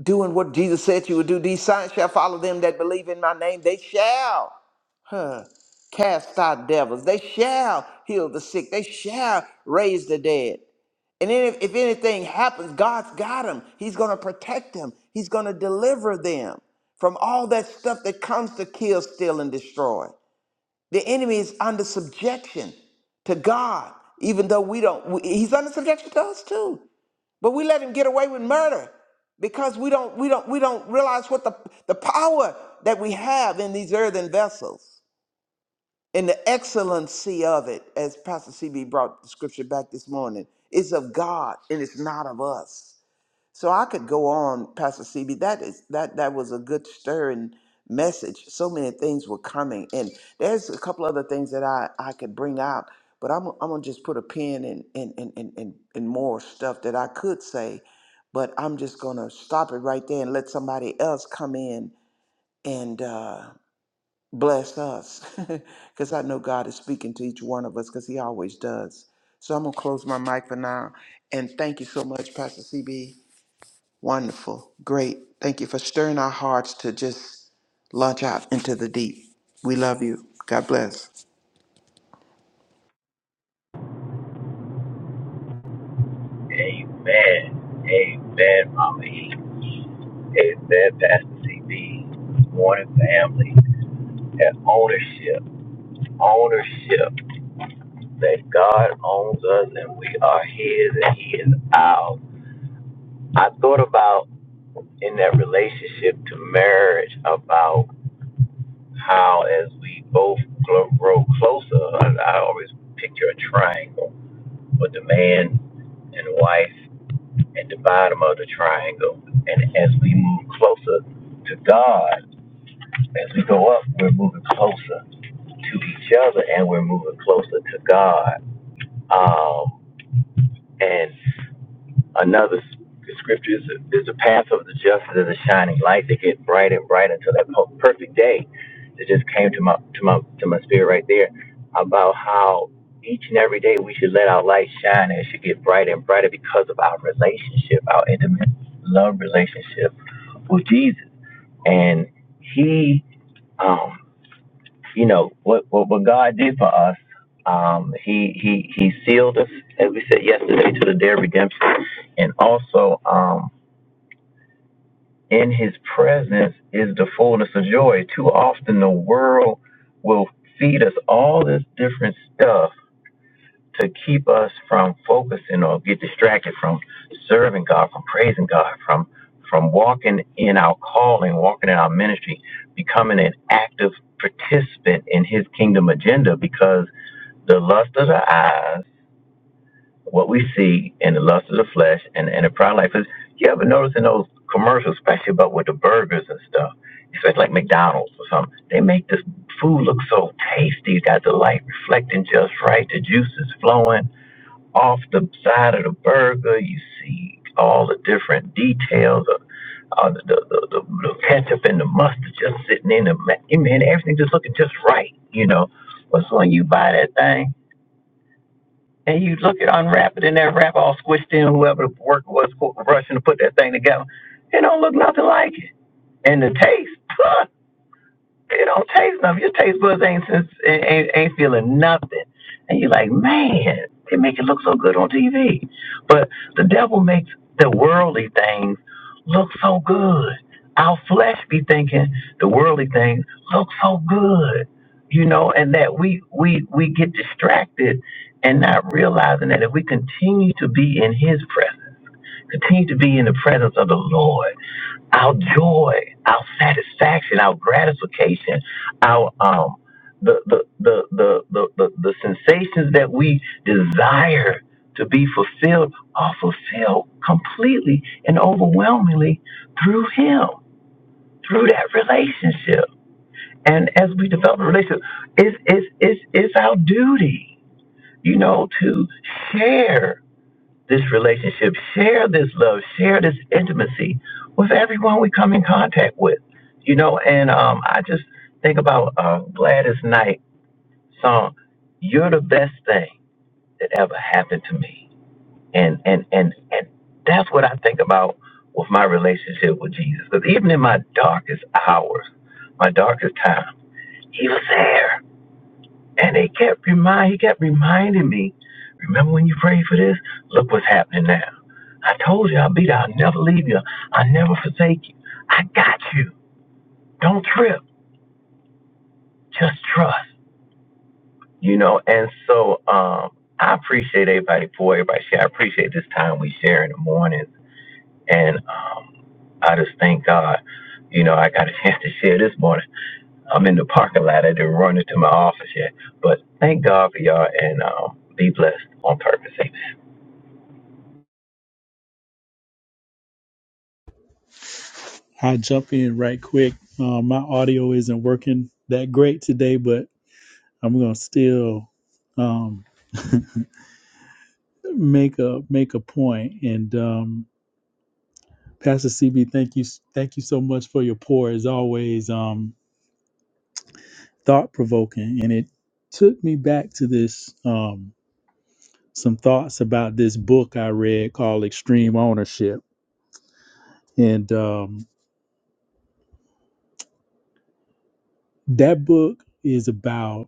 Speaker 5: doing what Jesus said you would do? These signs shall follow them that believe in my name. They shall. Huh. Cast out devils. They shall heal the sick. They shall raise the dead. And then if, if anything happens, God's got them. He's going to protect them. He's going to deliver them from all that stuff that comes to kill, steal, and destroy. The enemy is under subjection to God, even though we don't. we- He's under subjection to us too, but we let him get away with murder because we don't. We don't. We don't realize what the the power that we have in these earthen vessels. And the excellency of it, as Pastor CB brought the scripture back this morning, is of God and it's not of us. So I could go on, Pastor CB. That is that that was a good stirring message. So many things were coming, and there's a couple other things that I I could bring out, but I'm I'm gonna just put a pin in in in in in, in more stuff that I could say, but I'm just gonna stop it right there and let somebody else come in and. Uh, bless us because I know God is speaking to each one of us because He always does. So I'm going to close my mic for now. And thank you so much, Pastor CB. Wonderful. Great. Thank you for stirring our hearts to just launch out into the deep. We love you. God bless.
Speaker 6: Amen. Amen, Mama E. Amen, Pastor CB. Morning, family. And ownership. Ownership. That God owns us and we are His and He is ours. I thought about in that relationship to marriage about how as we both gl- grow closer, and I always picture a triangle with the man and wife at the bottom of the triangle. And as we move closer to God, as we go up, we're moving closer to each other and we're moving closer to God. Um, and another s- the scripture is, is the path of the just is a shining light that gets brighter and brighter until that po- perfect day. It just came to my to my to my spirit right there about how each and every day we should let our light shine and it should get brighter and brighter because of our relationship, our intimate love relationship with Jesus. And he, um, you know, what, what, what God did for us, um, he, he, he sealed us, as we said yesterday, to the day of redemption. And also, um, in his presence is the fullness of joy. Too often the world will feed us all this different stuff to keep us from focusing or get distracted from serving God, from praising God, from from walking in our calling, walking in our ministry, becoming an active participant in his kingdom agenda because the lust of the eyes, what we see, and the lust of the flesh and, and the pride of life is you ever notice in those commercials, especially about with the burgers and stuff, especially like McDonald's or something, they make this food look so tasty, It's got the light reflecting just right, the juice is flowing off the side of the burger. You see all the different details of uh, the, the, the, the the ketchup and the mustard just sitting in the ma- and man, everything just looking just right, you know. But so when you buy that thing and you look at unwrap it and that wrap all squished in, whoever the worker was qu- rushing to put that thing together, it don't look nothing like it. And the taste, It don't taste nothing. Your taste buds ain't since ain't, ain't ain't feeling nothing, and you're like, man, they make it look so good on TV. But the devil makes the worldly things look so good. Our flesh be thinking the worldly things look so good, you know, and that we we we get distracted and not realizing that if we continue to be in His presence, continue to be in the presence of the Lord our joy, our satisfaction, our gratification, our um the the the the the, the, the sensations that we desire to be fulfilled are fulfilled completely and overwhelmingly through him, through that relationship. And as we develop a relationship, it's it's it's it's our duty, you know, to share this relationship, share this love, share this intimacy with everyone we come in contact with. You know, and um, I just think about uh, Gladys Knight song, "You're the best thing that ever happened to me," and and and and that's what I think about with my relationship with Jesus. Because even in my darkest hours, my darkest time, He was there and they kept remind he kept reminding me, remember when you prayed for this? Look what's happening now. I told you I'll be there. I'll never leave you. I'll never forsake you. I got you. Don't trip. Just trust. You know, and so um I appreciate everybody for everybody share. I appreciate this time we share in the morning. And um I just thank God. You know, I got a chance to share this morning. I'm in the parking lot. I didn't run into my office yet. But thank God for y'all and um be blessed on purpose.
Speaker 4: I'll jump in right quick. Uh, my audio isn't working that great today, but I'm gonna still um, make a make a point. And um, Pastor CB, thank you thank you so much for your pour. As always, um, thought provoking, and it took me back to this um, some thoughts about this book I read called Extreme Ownership, and um, that book is about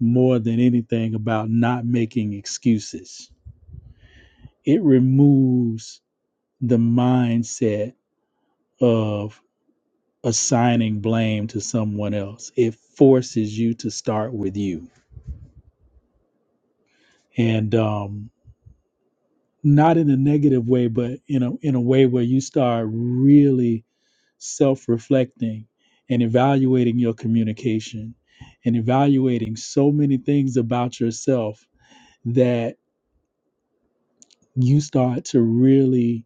Speaker 4: more than anything about not making excuses. It removes the mindset of assigning blame to someone else. It forces you to start with you, and um, not in a negative way, but in a in a way where you start really self-reflecting and evaluating your communication and evaluating so many things about yourself that you start to really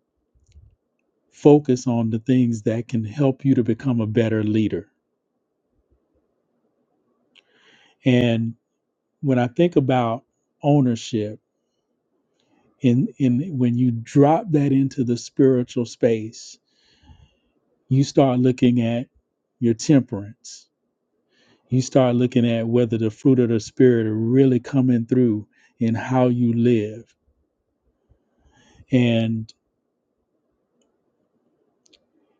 Speaker 4: focus on the things that can help you to become a better leader. And when I think about ownership, in, in when you drop that into the spiritual space, you start looking at your temperance. You start looking at whether the fruit of the spirit are really coming through in how you live. And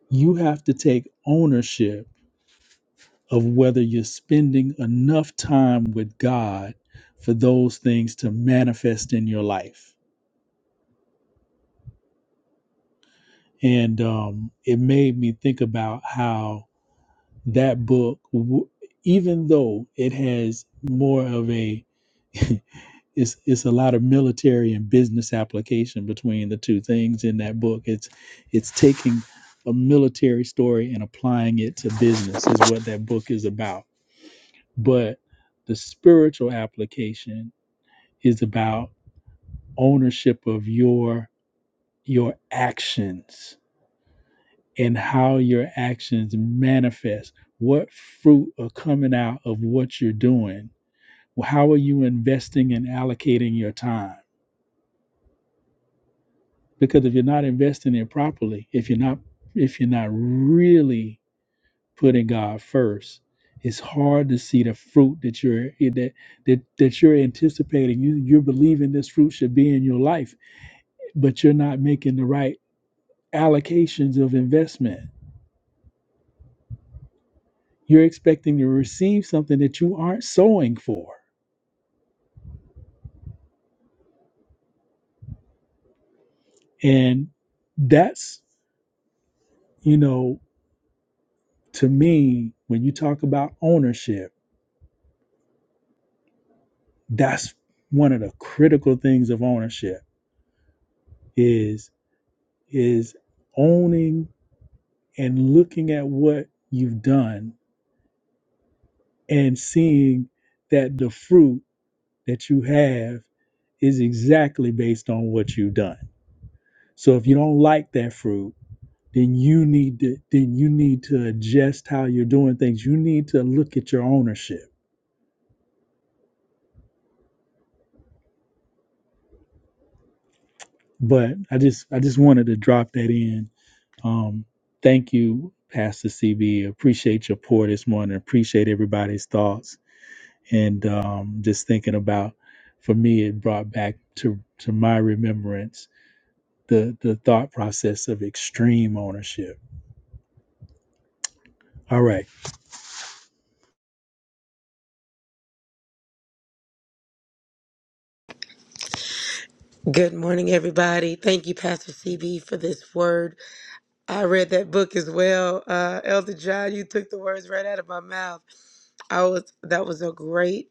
Speaker 4: you have to take ownership of whether you're spending enough time with God for those things to manifest in your life and um, it made me think about how that book, w- even though it has more of a, it's it's a lot of military and business application between the two things in that book. It's it's taking a military story and applying it to business is what that book is about. But the spiritual application is about ownership of your your actions and how your actions manifest. What fruit are coming out of what you're doing? How are you investing and allocating your time? Because if you're not investing it properly, if you're not if you're not really putting God first, it's hard to see the fruit that you're that that, that you're anticipating. You you're believing this fruit should be in your life, but you're not making the right allocations of investment. You're expecting to receive something that you aren't sowing for And that's, you know, to me, when you talk about ownership, that's one of the critical things of ownership is is owning and looking at what you've done and seeing that the fruit that you have is exactly based on what you've done. So if you don't like that fruit, then you need to then you need to adjust how you're doing things. You need to look at your ownership but I just I just wanted to drop that in. Um, thank you, Pastor CB. Appreciate your pour this morning. Appreciate everybody's thoughts and um, just thinking about. For me, it brought back to to my remembrance the the thought process of extreme ownership. All right.
Speaker 3: Good morning, everybody. Thank you, Pastor CB, for this word. I read that book as well. Uh, Elder John, you took the words right out of my mouth. I was that was a great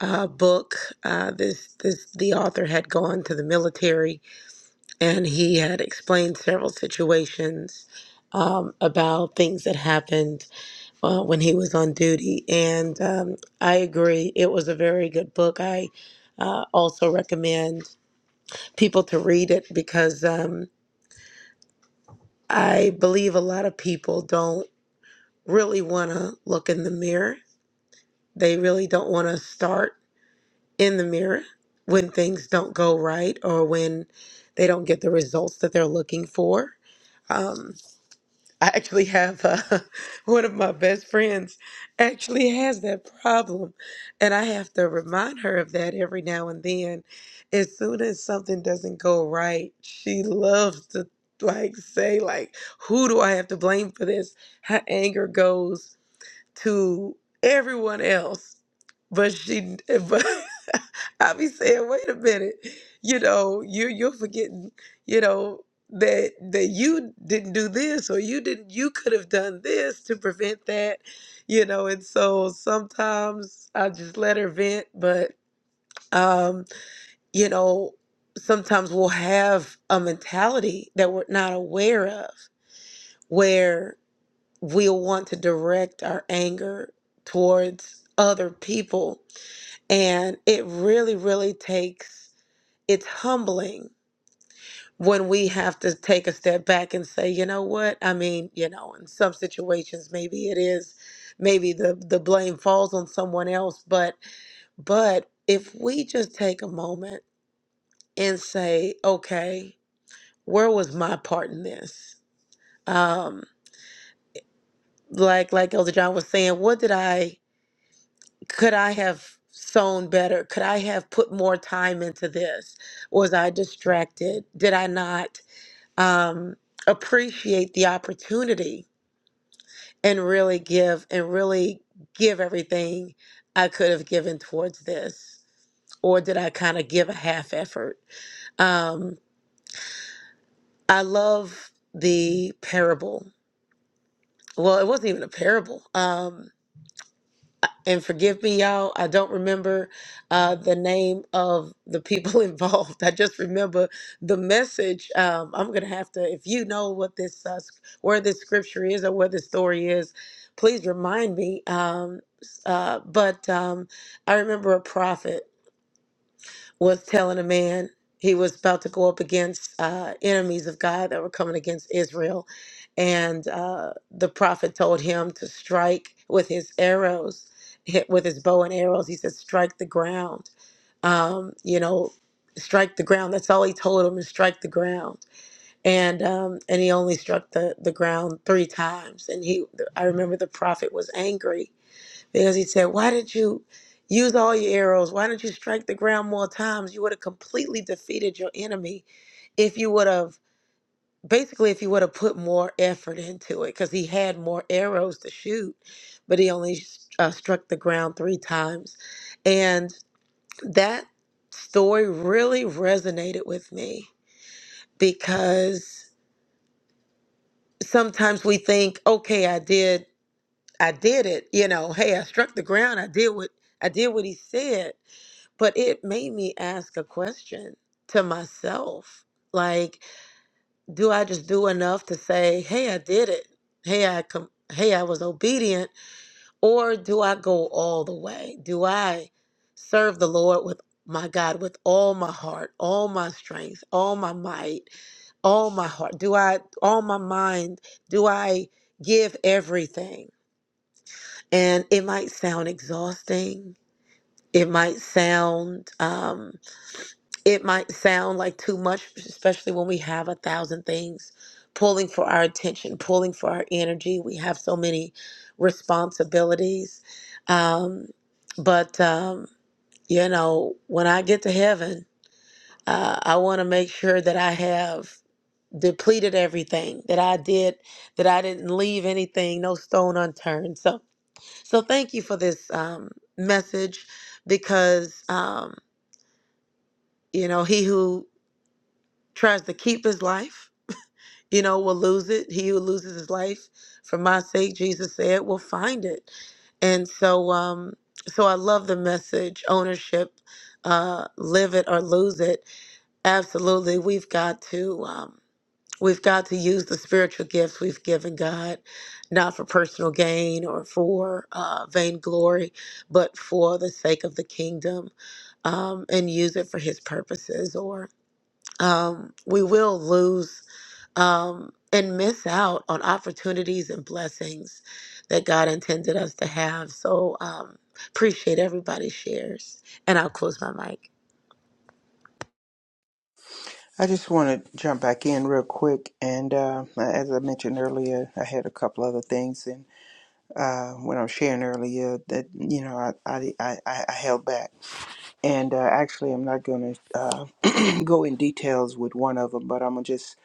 Speaker 3: uh, book. Uh, this this the author had gone to the military and he had explained several situations um, about things that happened uh, when he was on duty. And um, I agree, it was a very good book. I uh, also recommend people to read it because um, I believe a lot of people don't really want to look in the mirror. They really don't want to start in the mirror when things don't go right or when they don't get the results that they're looking for. Um, I actually have uh, one of my best friends actually has that problem, and I have to remind her of that every now and then. As soon as something doesn't go right, she loves to like say like, "Who do I have to blame for this?" Her anger goes to everyone else. But she, but I be saying, wait a minute, you know, you you're forgetting, you know, that that you didn't do this or you didn't, you could have done this to prevent that, you know. And so sometimes I just let her vent, but um, you know, sometimes we'll have a mentality that we're not aware of, we'll want to direct our anger towards other people. And it really, really takes, it's humbling when we have to take a step back and say, you know what? I mean, you know, in some situations, maybe it is, maybe the, the blame falls on someone else. But, but if we just take a moment and say, okay, where was my part in this? Um, like, like Elder John was saying, what did I, could I have sown better? Could I have put more time into this? Was I distracted? Did I not um, appreciate the opportunity and really give and really give everything I could have given towards this? Or did I kind of give a half effort? Um, I love the parable. Well, it wasn't even a parable. Um, and forgive me, y'all. I don't remember uh, the name of the people involved. I just remember the message. Um, I'm gonna have to, if you know what this, uh, s- where this scripture is or where this story is, please remind me. Um, s- uh, but um, I remember a prophet was telling a man he was about to go up against uh, enemies of God that were coming against Israel. And uh, the prophet told him to strike with his arrows, hit with his bow and arrows. He said, strike the ground. Um, you know, strike the ground. That's all he told him is strike the ground. And um, and he only struck the, the ground three times. And he, I remember the prophet was angry because he said, Why didn't you use all your arrows? Why didn't you strike the ground more times? You would have completely defeated your enemy if you would have, basically, if you would have put more effort into it. Because he had more arrows to shoot, but he only uh, struck the ground three times. And that story really resonated with me because sometimes we think, okay, I did. I did it, you know. Hey, I struck the ground. I did what I did what he said but it made me ask a question to myself like do i just do enough to say hey i did it hey i com- hey i was obedient or do i go all the way do i serve the lord with my god with all my heart all my strength all my might all my heart do i all my mind do i give everything and it might sound exhausting it might sound um. it might sound like too much, especially when we have a thousand things pulling for our attention, pulling for our energy. We have so many responsibilities. Um, but, um, you know, when I get to heaven, uh, I want to make sure that I have depleted everything that I did, that I didn't leave anything, no stone unturned. So, so thank you for this um, message because, um, you know, he who tries to keep his life you know, will lose it. He who loses his life for my sake, Jesus said, will find it. And so, um, so I love the message ownership, uh, live it or lose it. Absolutely. We've got to, um, we've got to use the spiritual gifts we've given God, not for personal gain or for uh, vainglory, but for the sake of the kingdom um, and use it for his purposes or um, we will lose um, and miss out on opportunities and blessings that God intended us to have. So um, appreciate everybody's shares. And I'll close my mic.
Speaker 5: I just want to jump back in real quick. And uh, as I mentioned earlier, I had a couple other things. And uh, when I was sharing earlier, that, you know, I, I, I, I held back. And uh, actually, I'm not going to uh, go in details with one of them, but I'm gonna just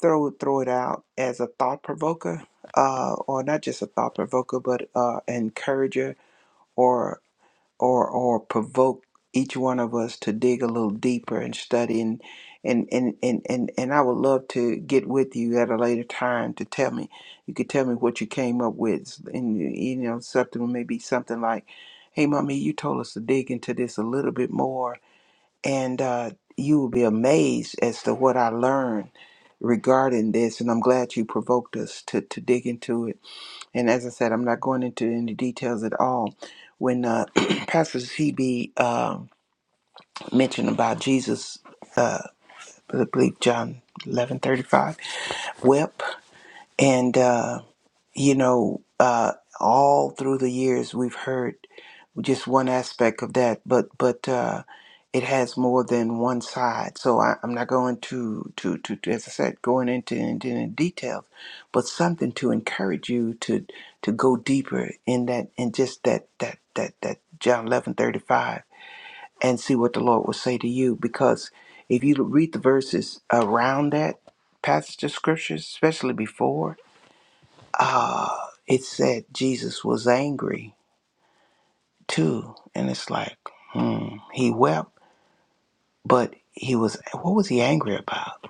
Speaker 5: throw throw it out as a thought provoker, uh, or not just a thought provoker, but uh, encourager, or or or provoke each one of us to dig a little deeper and study. And and and and and, and I would love to get with you at a later time to tell me. You could tell me what you came up with, and you know, something maybe something like, "Hey, mommy, you told us to dig into this a little bit more." and uh, you will be amazed as to what I learned regarding this. And I'm glad you provoked us to, to dig into it. And as I said, I'm not going into any details at all. When uh, Pastor CB um mentioned about Jesus, uh, I believe John 11:35, wept, and uh, you know, uh, all through the years we've heard. just one aspect of that, but but uh, it has more than one side. So I, I'm not going to, to to to as I said, going into into the details, but something to encourage you to to go deeper in that in just that that that that John eleven thirty five and see what the Lord will say to you. Because if you read the verses around that passage of scriptures, especially before, uh, it said Jesus was angry too. And it's like, hmm, he wept, but he was, what was he angry about?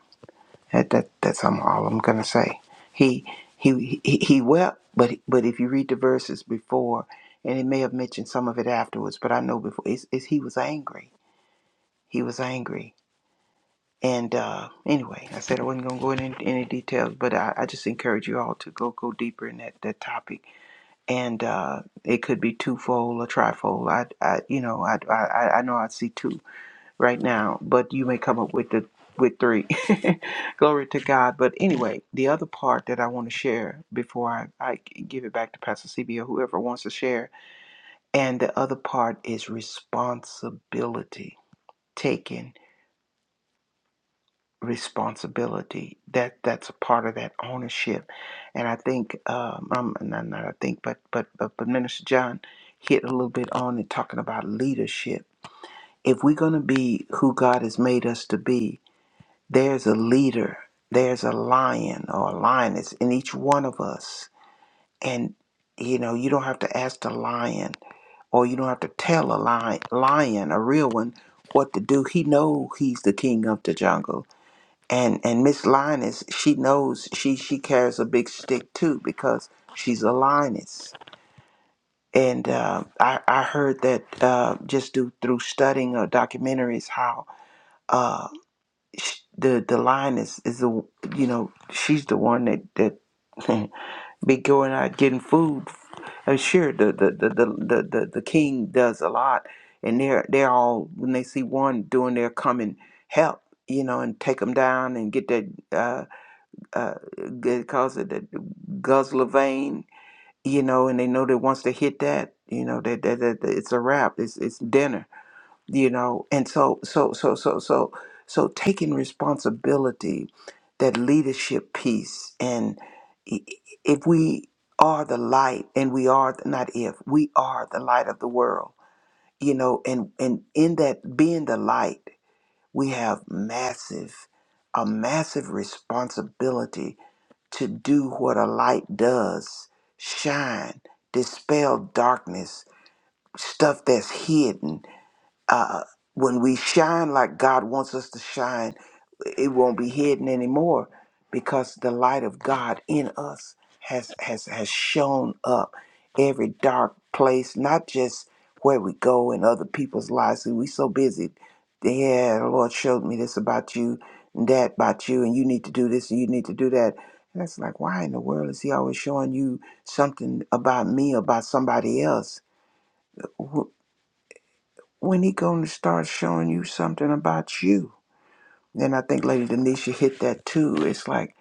Speaker 5: That, that that's I'm- all I'm gonna say. He he he, he wept, but but if you read the verses before, and it may have mentioned some of it afterwards, but I know before, it's, it's he was angry. He was angry. And uh, anyway, I said I wasn't gonna go into any details, but I, I just encourage you all to go go deeper in that, that topic. And uh, it could be twofold or trifold. I, I you know I, I I I know I see two right now, but you may come up with the with three. Glory to God. But anyway, the other part that I want to share before I, I give it back to Pastor CB or whoever wants to share, and the other part is responsibility, taking responsibility. That that's a part of that ownership, and I think um, i not, not I think, but, but but but Minister John hit a little bit on it talking about leadership. If we're going to be who God has made us to be, There's a leader, there's a lion or a lioness in each one of us. And, you know, you don't have to ask the lion or you don't have to tell a lion, lion a real one, what to do. He knows he's the king of the jungle. And and Miss Lioness, she knows she she carries a big stick too because she's a lioness. And uh, I I heard that uh, just do, through studying uh, documentaries how uh, sh- the the line is is the you know she's the one that that be going out getting food. Uh, sure, the the, the the the the the king does a lot, and they're they're all when they see one doing they're coming help, you know, and take them down and get that uh uh they calls it the guzzler vein, you know, and they know that once they hit that, you know, that that, that, that it's a wrap. It's it's dinner you know and so so so so so so taking responsibility that leadership piece and i- i- if we are the light and we are the, not if we are the light of the world you know and and in that being the light we have massive a massive responsibility to do what a light does shine dispel darkness stuff that's hidden uh, when we shine like God wants us to shine, it won't be hidden anymore because the light of God in us has has has shown up every dark place, not just where we go in other people's lives. See, we so busy. Yeah, the Lord showed me this about you and that about you, and you need to do this and you need to do that. And that's like, why in the world is He always showing you something about me, about somebody else? when he going to start showing you something about you and i think lady denisha hit that too it's like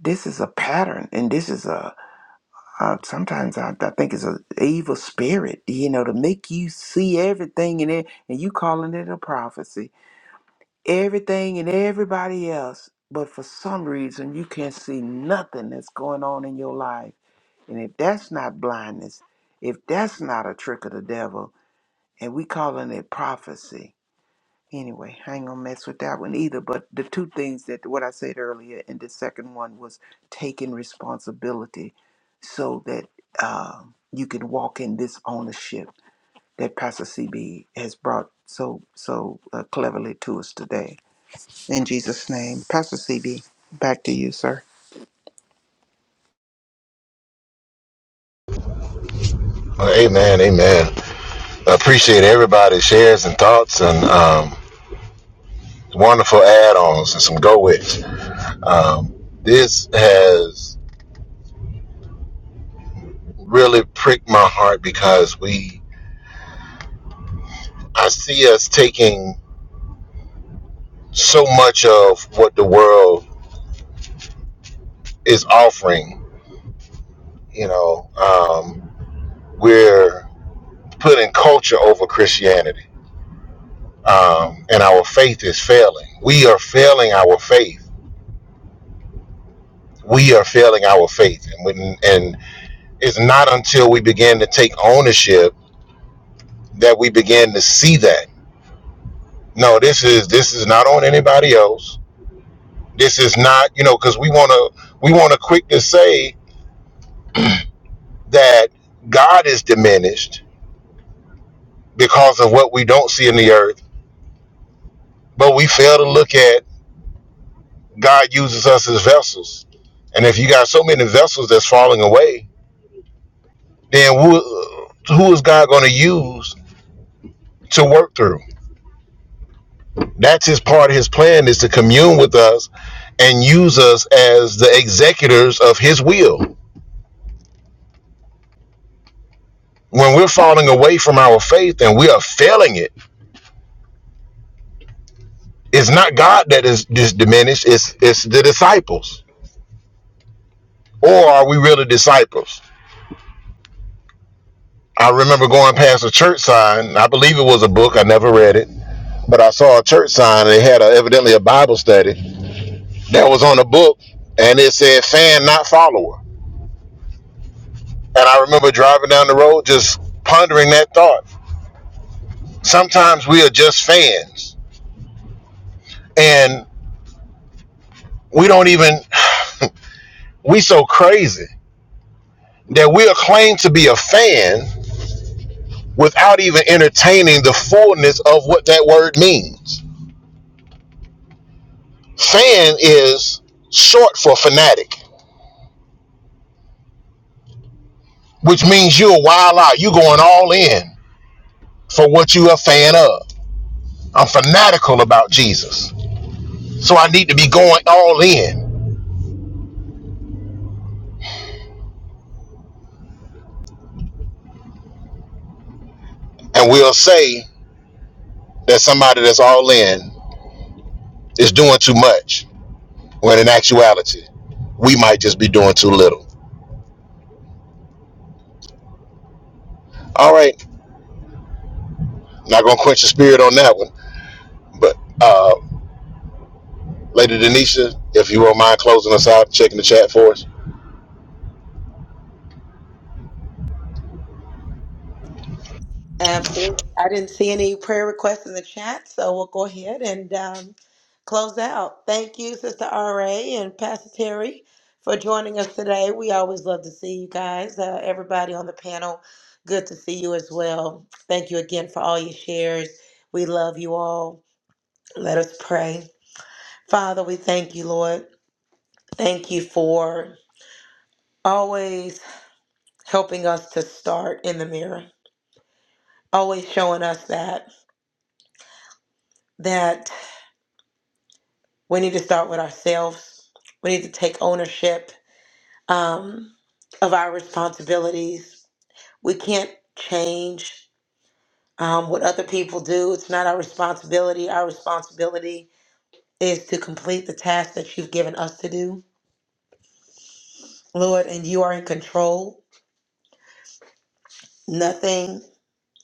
Speaker 5: this is a pattern and this is a uh, sometimes I, I think it's a evil spirit you know to make you see everything in it and you calling it a prophecy everything and everybody else but for some reason you can't see nothing that's going on in your life and if that's not blindness if that's not a trick of the devil and we calling it prophecy Anyway, I ain't gonna mess with that one either. But the two things that what I said earlier, and the second one was taking responsibility, so that um, you can walk in this ownership that Pastor CB has brought so so uh, cleverly to us today. In Jesus' name, Pastor CB, back to you, sir.
Speaker 2: Well, amen, amen. I appreciate everybody's shares and thoughts and um, wonderful add-ons and some go-its. Um, this has really pricked my heart because we, I see us taking so much of what the world is offering You know, um, we're putting culture over Christianity, um, and our faith is failing. We are failing our faith. We are failing our faith, and when, and it's not until we begin to take ownership that we begin to see that. No, this is this is not on anybody else. This is not you know because we want to we want to quick to say that God is diminished because of what we don't see in the earth, but we fail to look at God uses us as vessels. And if you got so many vessels that's falling away, then who, who is God going to use to work through? That's his part of his plan is to commune with us and use us as the executors of his will. When we're falling away from our faith and we are failing it, it's not God that is, is diminished, it's, it's the disciples. Or are we really disciples? I remember going past a church sign. I believe it was a book. I never read it but I saw a church sign and it had a, evidently a Bible study that was on a book and it said fan, not follower. And I remember driving down the road just pondering that thought. Sometimes we are just fans and we don't even, we so crazy that we'll claim to be a fan without even entertaining the fullness of what that word means. Fan is short for fanatic, which means you're wild out, you're going all in for what you're a fan of. I'm fanatical about Jesus. So I need to be going all in. And we'll say that somebody that's all in is doing too much, when in actuality, we might just be doing too little. All right, not going to quench the spirit on that one. But, uh, Lady Denisha, if you won't mind closing us out, checking the chat for us.
Speaker 3: Absolutely. I didn't see any prayer requests in the chat, so we'll go ahead and um, close out. Thank you, Sister RA and Pastor Terry, for joining us today. We always love to see you guys, uh, everybody on the panel. Good to see you as well. Thank you again for all your shares. We love you all. Let us pray. Father, we thank you, Lord. Thank you for always helping us to start in the mirror, always showing us that that We need to start with ourselves. We need to take ownership um, of our responsibilities. We can't change um, what other people do. It's not our responsibility. Our responsibility is to complete the task that you've given us to do, Lord, and you are in control. Nothing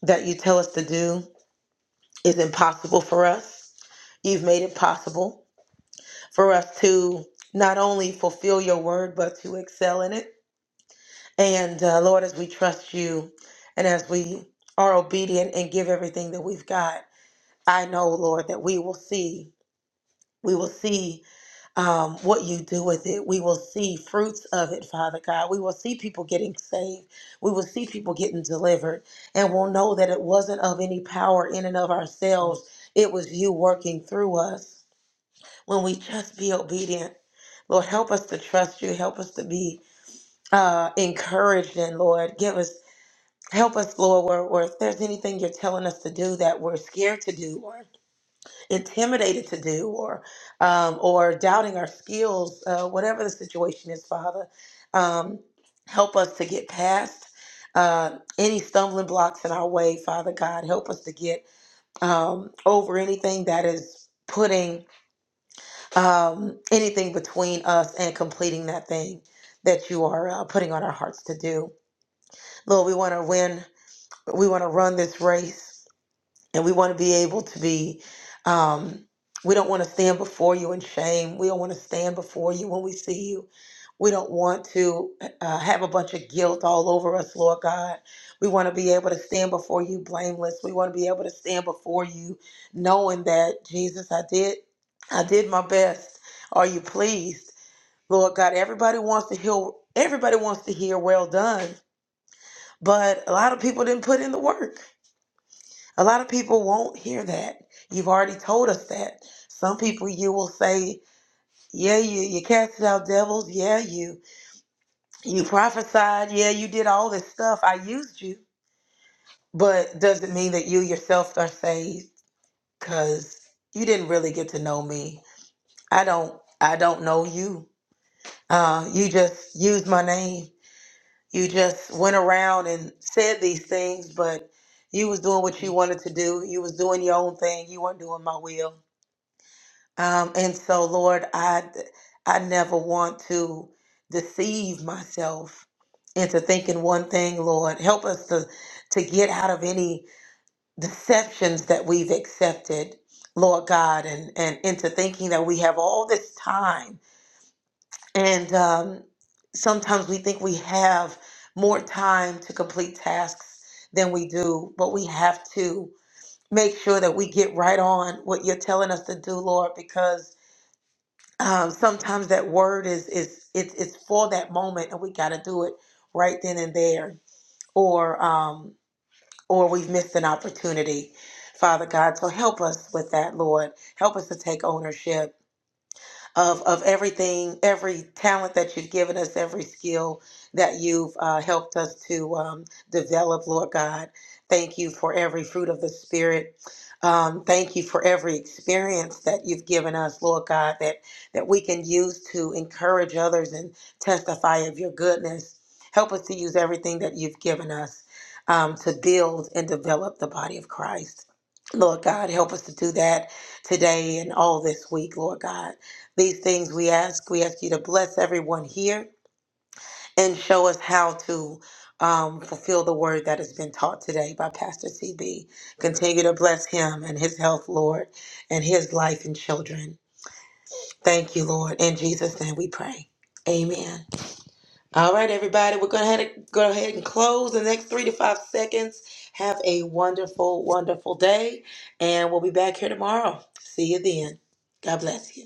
Speaker 3: that you tell us to do is impossible for us. You've made it possible for us to not only fulfill your word, but to excel in it. And uh, Lord, as we trust you and as we are obedient and give everything that we've got, I know, Lord, that we will see. We will see um, what you do with it. We will see fruits of it, Father God. We will see people getting saved. We will see people getting delivered. And we'll know that it wasn't of any power in and of ourselves, it was you working through us. When we just be obedient, Lord, help us to trust you. Help us to be uh, encouraged, and Lord, give us Help us, Lord, where, where if there's anything you're telling us to do that we're scared to do or intimidated to do or um, or doubting our skills, uh, whatever the situation is, Father, um, help us to get past uh, any stumbling blocks in our way, Father God. Help us to get um, over anything that is putting um, anything between us and completing that thing that you are uh, putting on our hearts to do. Lord, we want to win. We want to run this race and we want to be able to be um, we don't want to stand before you in shame we don't want to stand before you when we see you we don't want to uh, have a bunch of guilt all over us lord god we want to be able to stand before you blameless we want to be able to stand before you knowing that jesus i did i did my best are you pleased lord god everybody wants to hear everybody wants to hear well done but a lot of people didn't put in the work a lot of people won't hear that. You've already told us that. Some people you will say, yeah, you, you casted out devils. Yeah, you you prophesied. Yeah, you did all this stuff. I used you. But does it mean that you yourself are saved? Because you didn't really get to know me. I don't I don't know you. Uh, you just used my name. You just went around and said these things, but you was doing what you wanted to do. You was doing your own thing. You weren't doing my will. Um, and so, Lord, I I never want to deceive myself into thinking one thing. Lord, help us to to get out of any deceptions that we've accepted, Lord God, and and into thinking that we have all this time. And um, sometimes we think we have more time to complete tasks than we do, but we have to make sure that we get right on what you're telling us to do, Lord, because um, sometimes that word is is it's it's for that moment and we got to do it right then and there or um or we've missed an opportunity father god so help us with that lord help us to take ownership of, of everything, every talent that you've given us, every skill that you've uh, helped us to um, develop, Lord God. Thank you for every fruit of the Spirit. Um, thank you for every experience that you've given us, Lord God, that, that we can use to encourage others and testify of your goodness. Help us to use everything that you've given us um, to build and develop the body of Christ. Lord God, help us to do that today and all this week, Lord God. These things we ask. We ask you to bless everyone here and show us how to um, fulfill the word that has been taught today by Pastor CB. Continue to bless him and his health, Lord, and his life and children. Thank you, Lord. In Jesus' name we pray. Amen. All right, everybody, we're going to go ahead and close the next three to five seconds. Have a wonderful, wonderful day, and we'll be back here tomorrow. See you then. God bless you.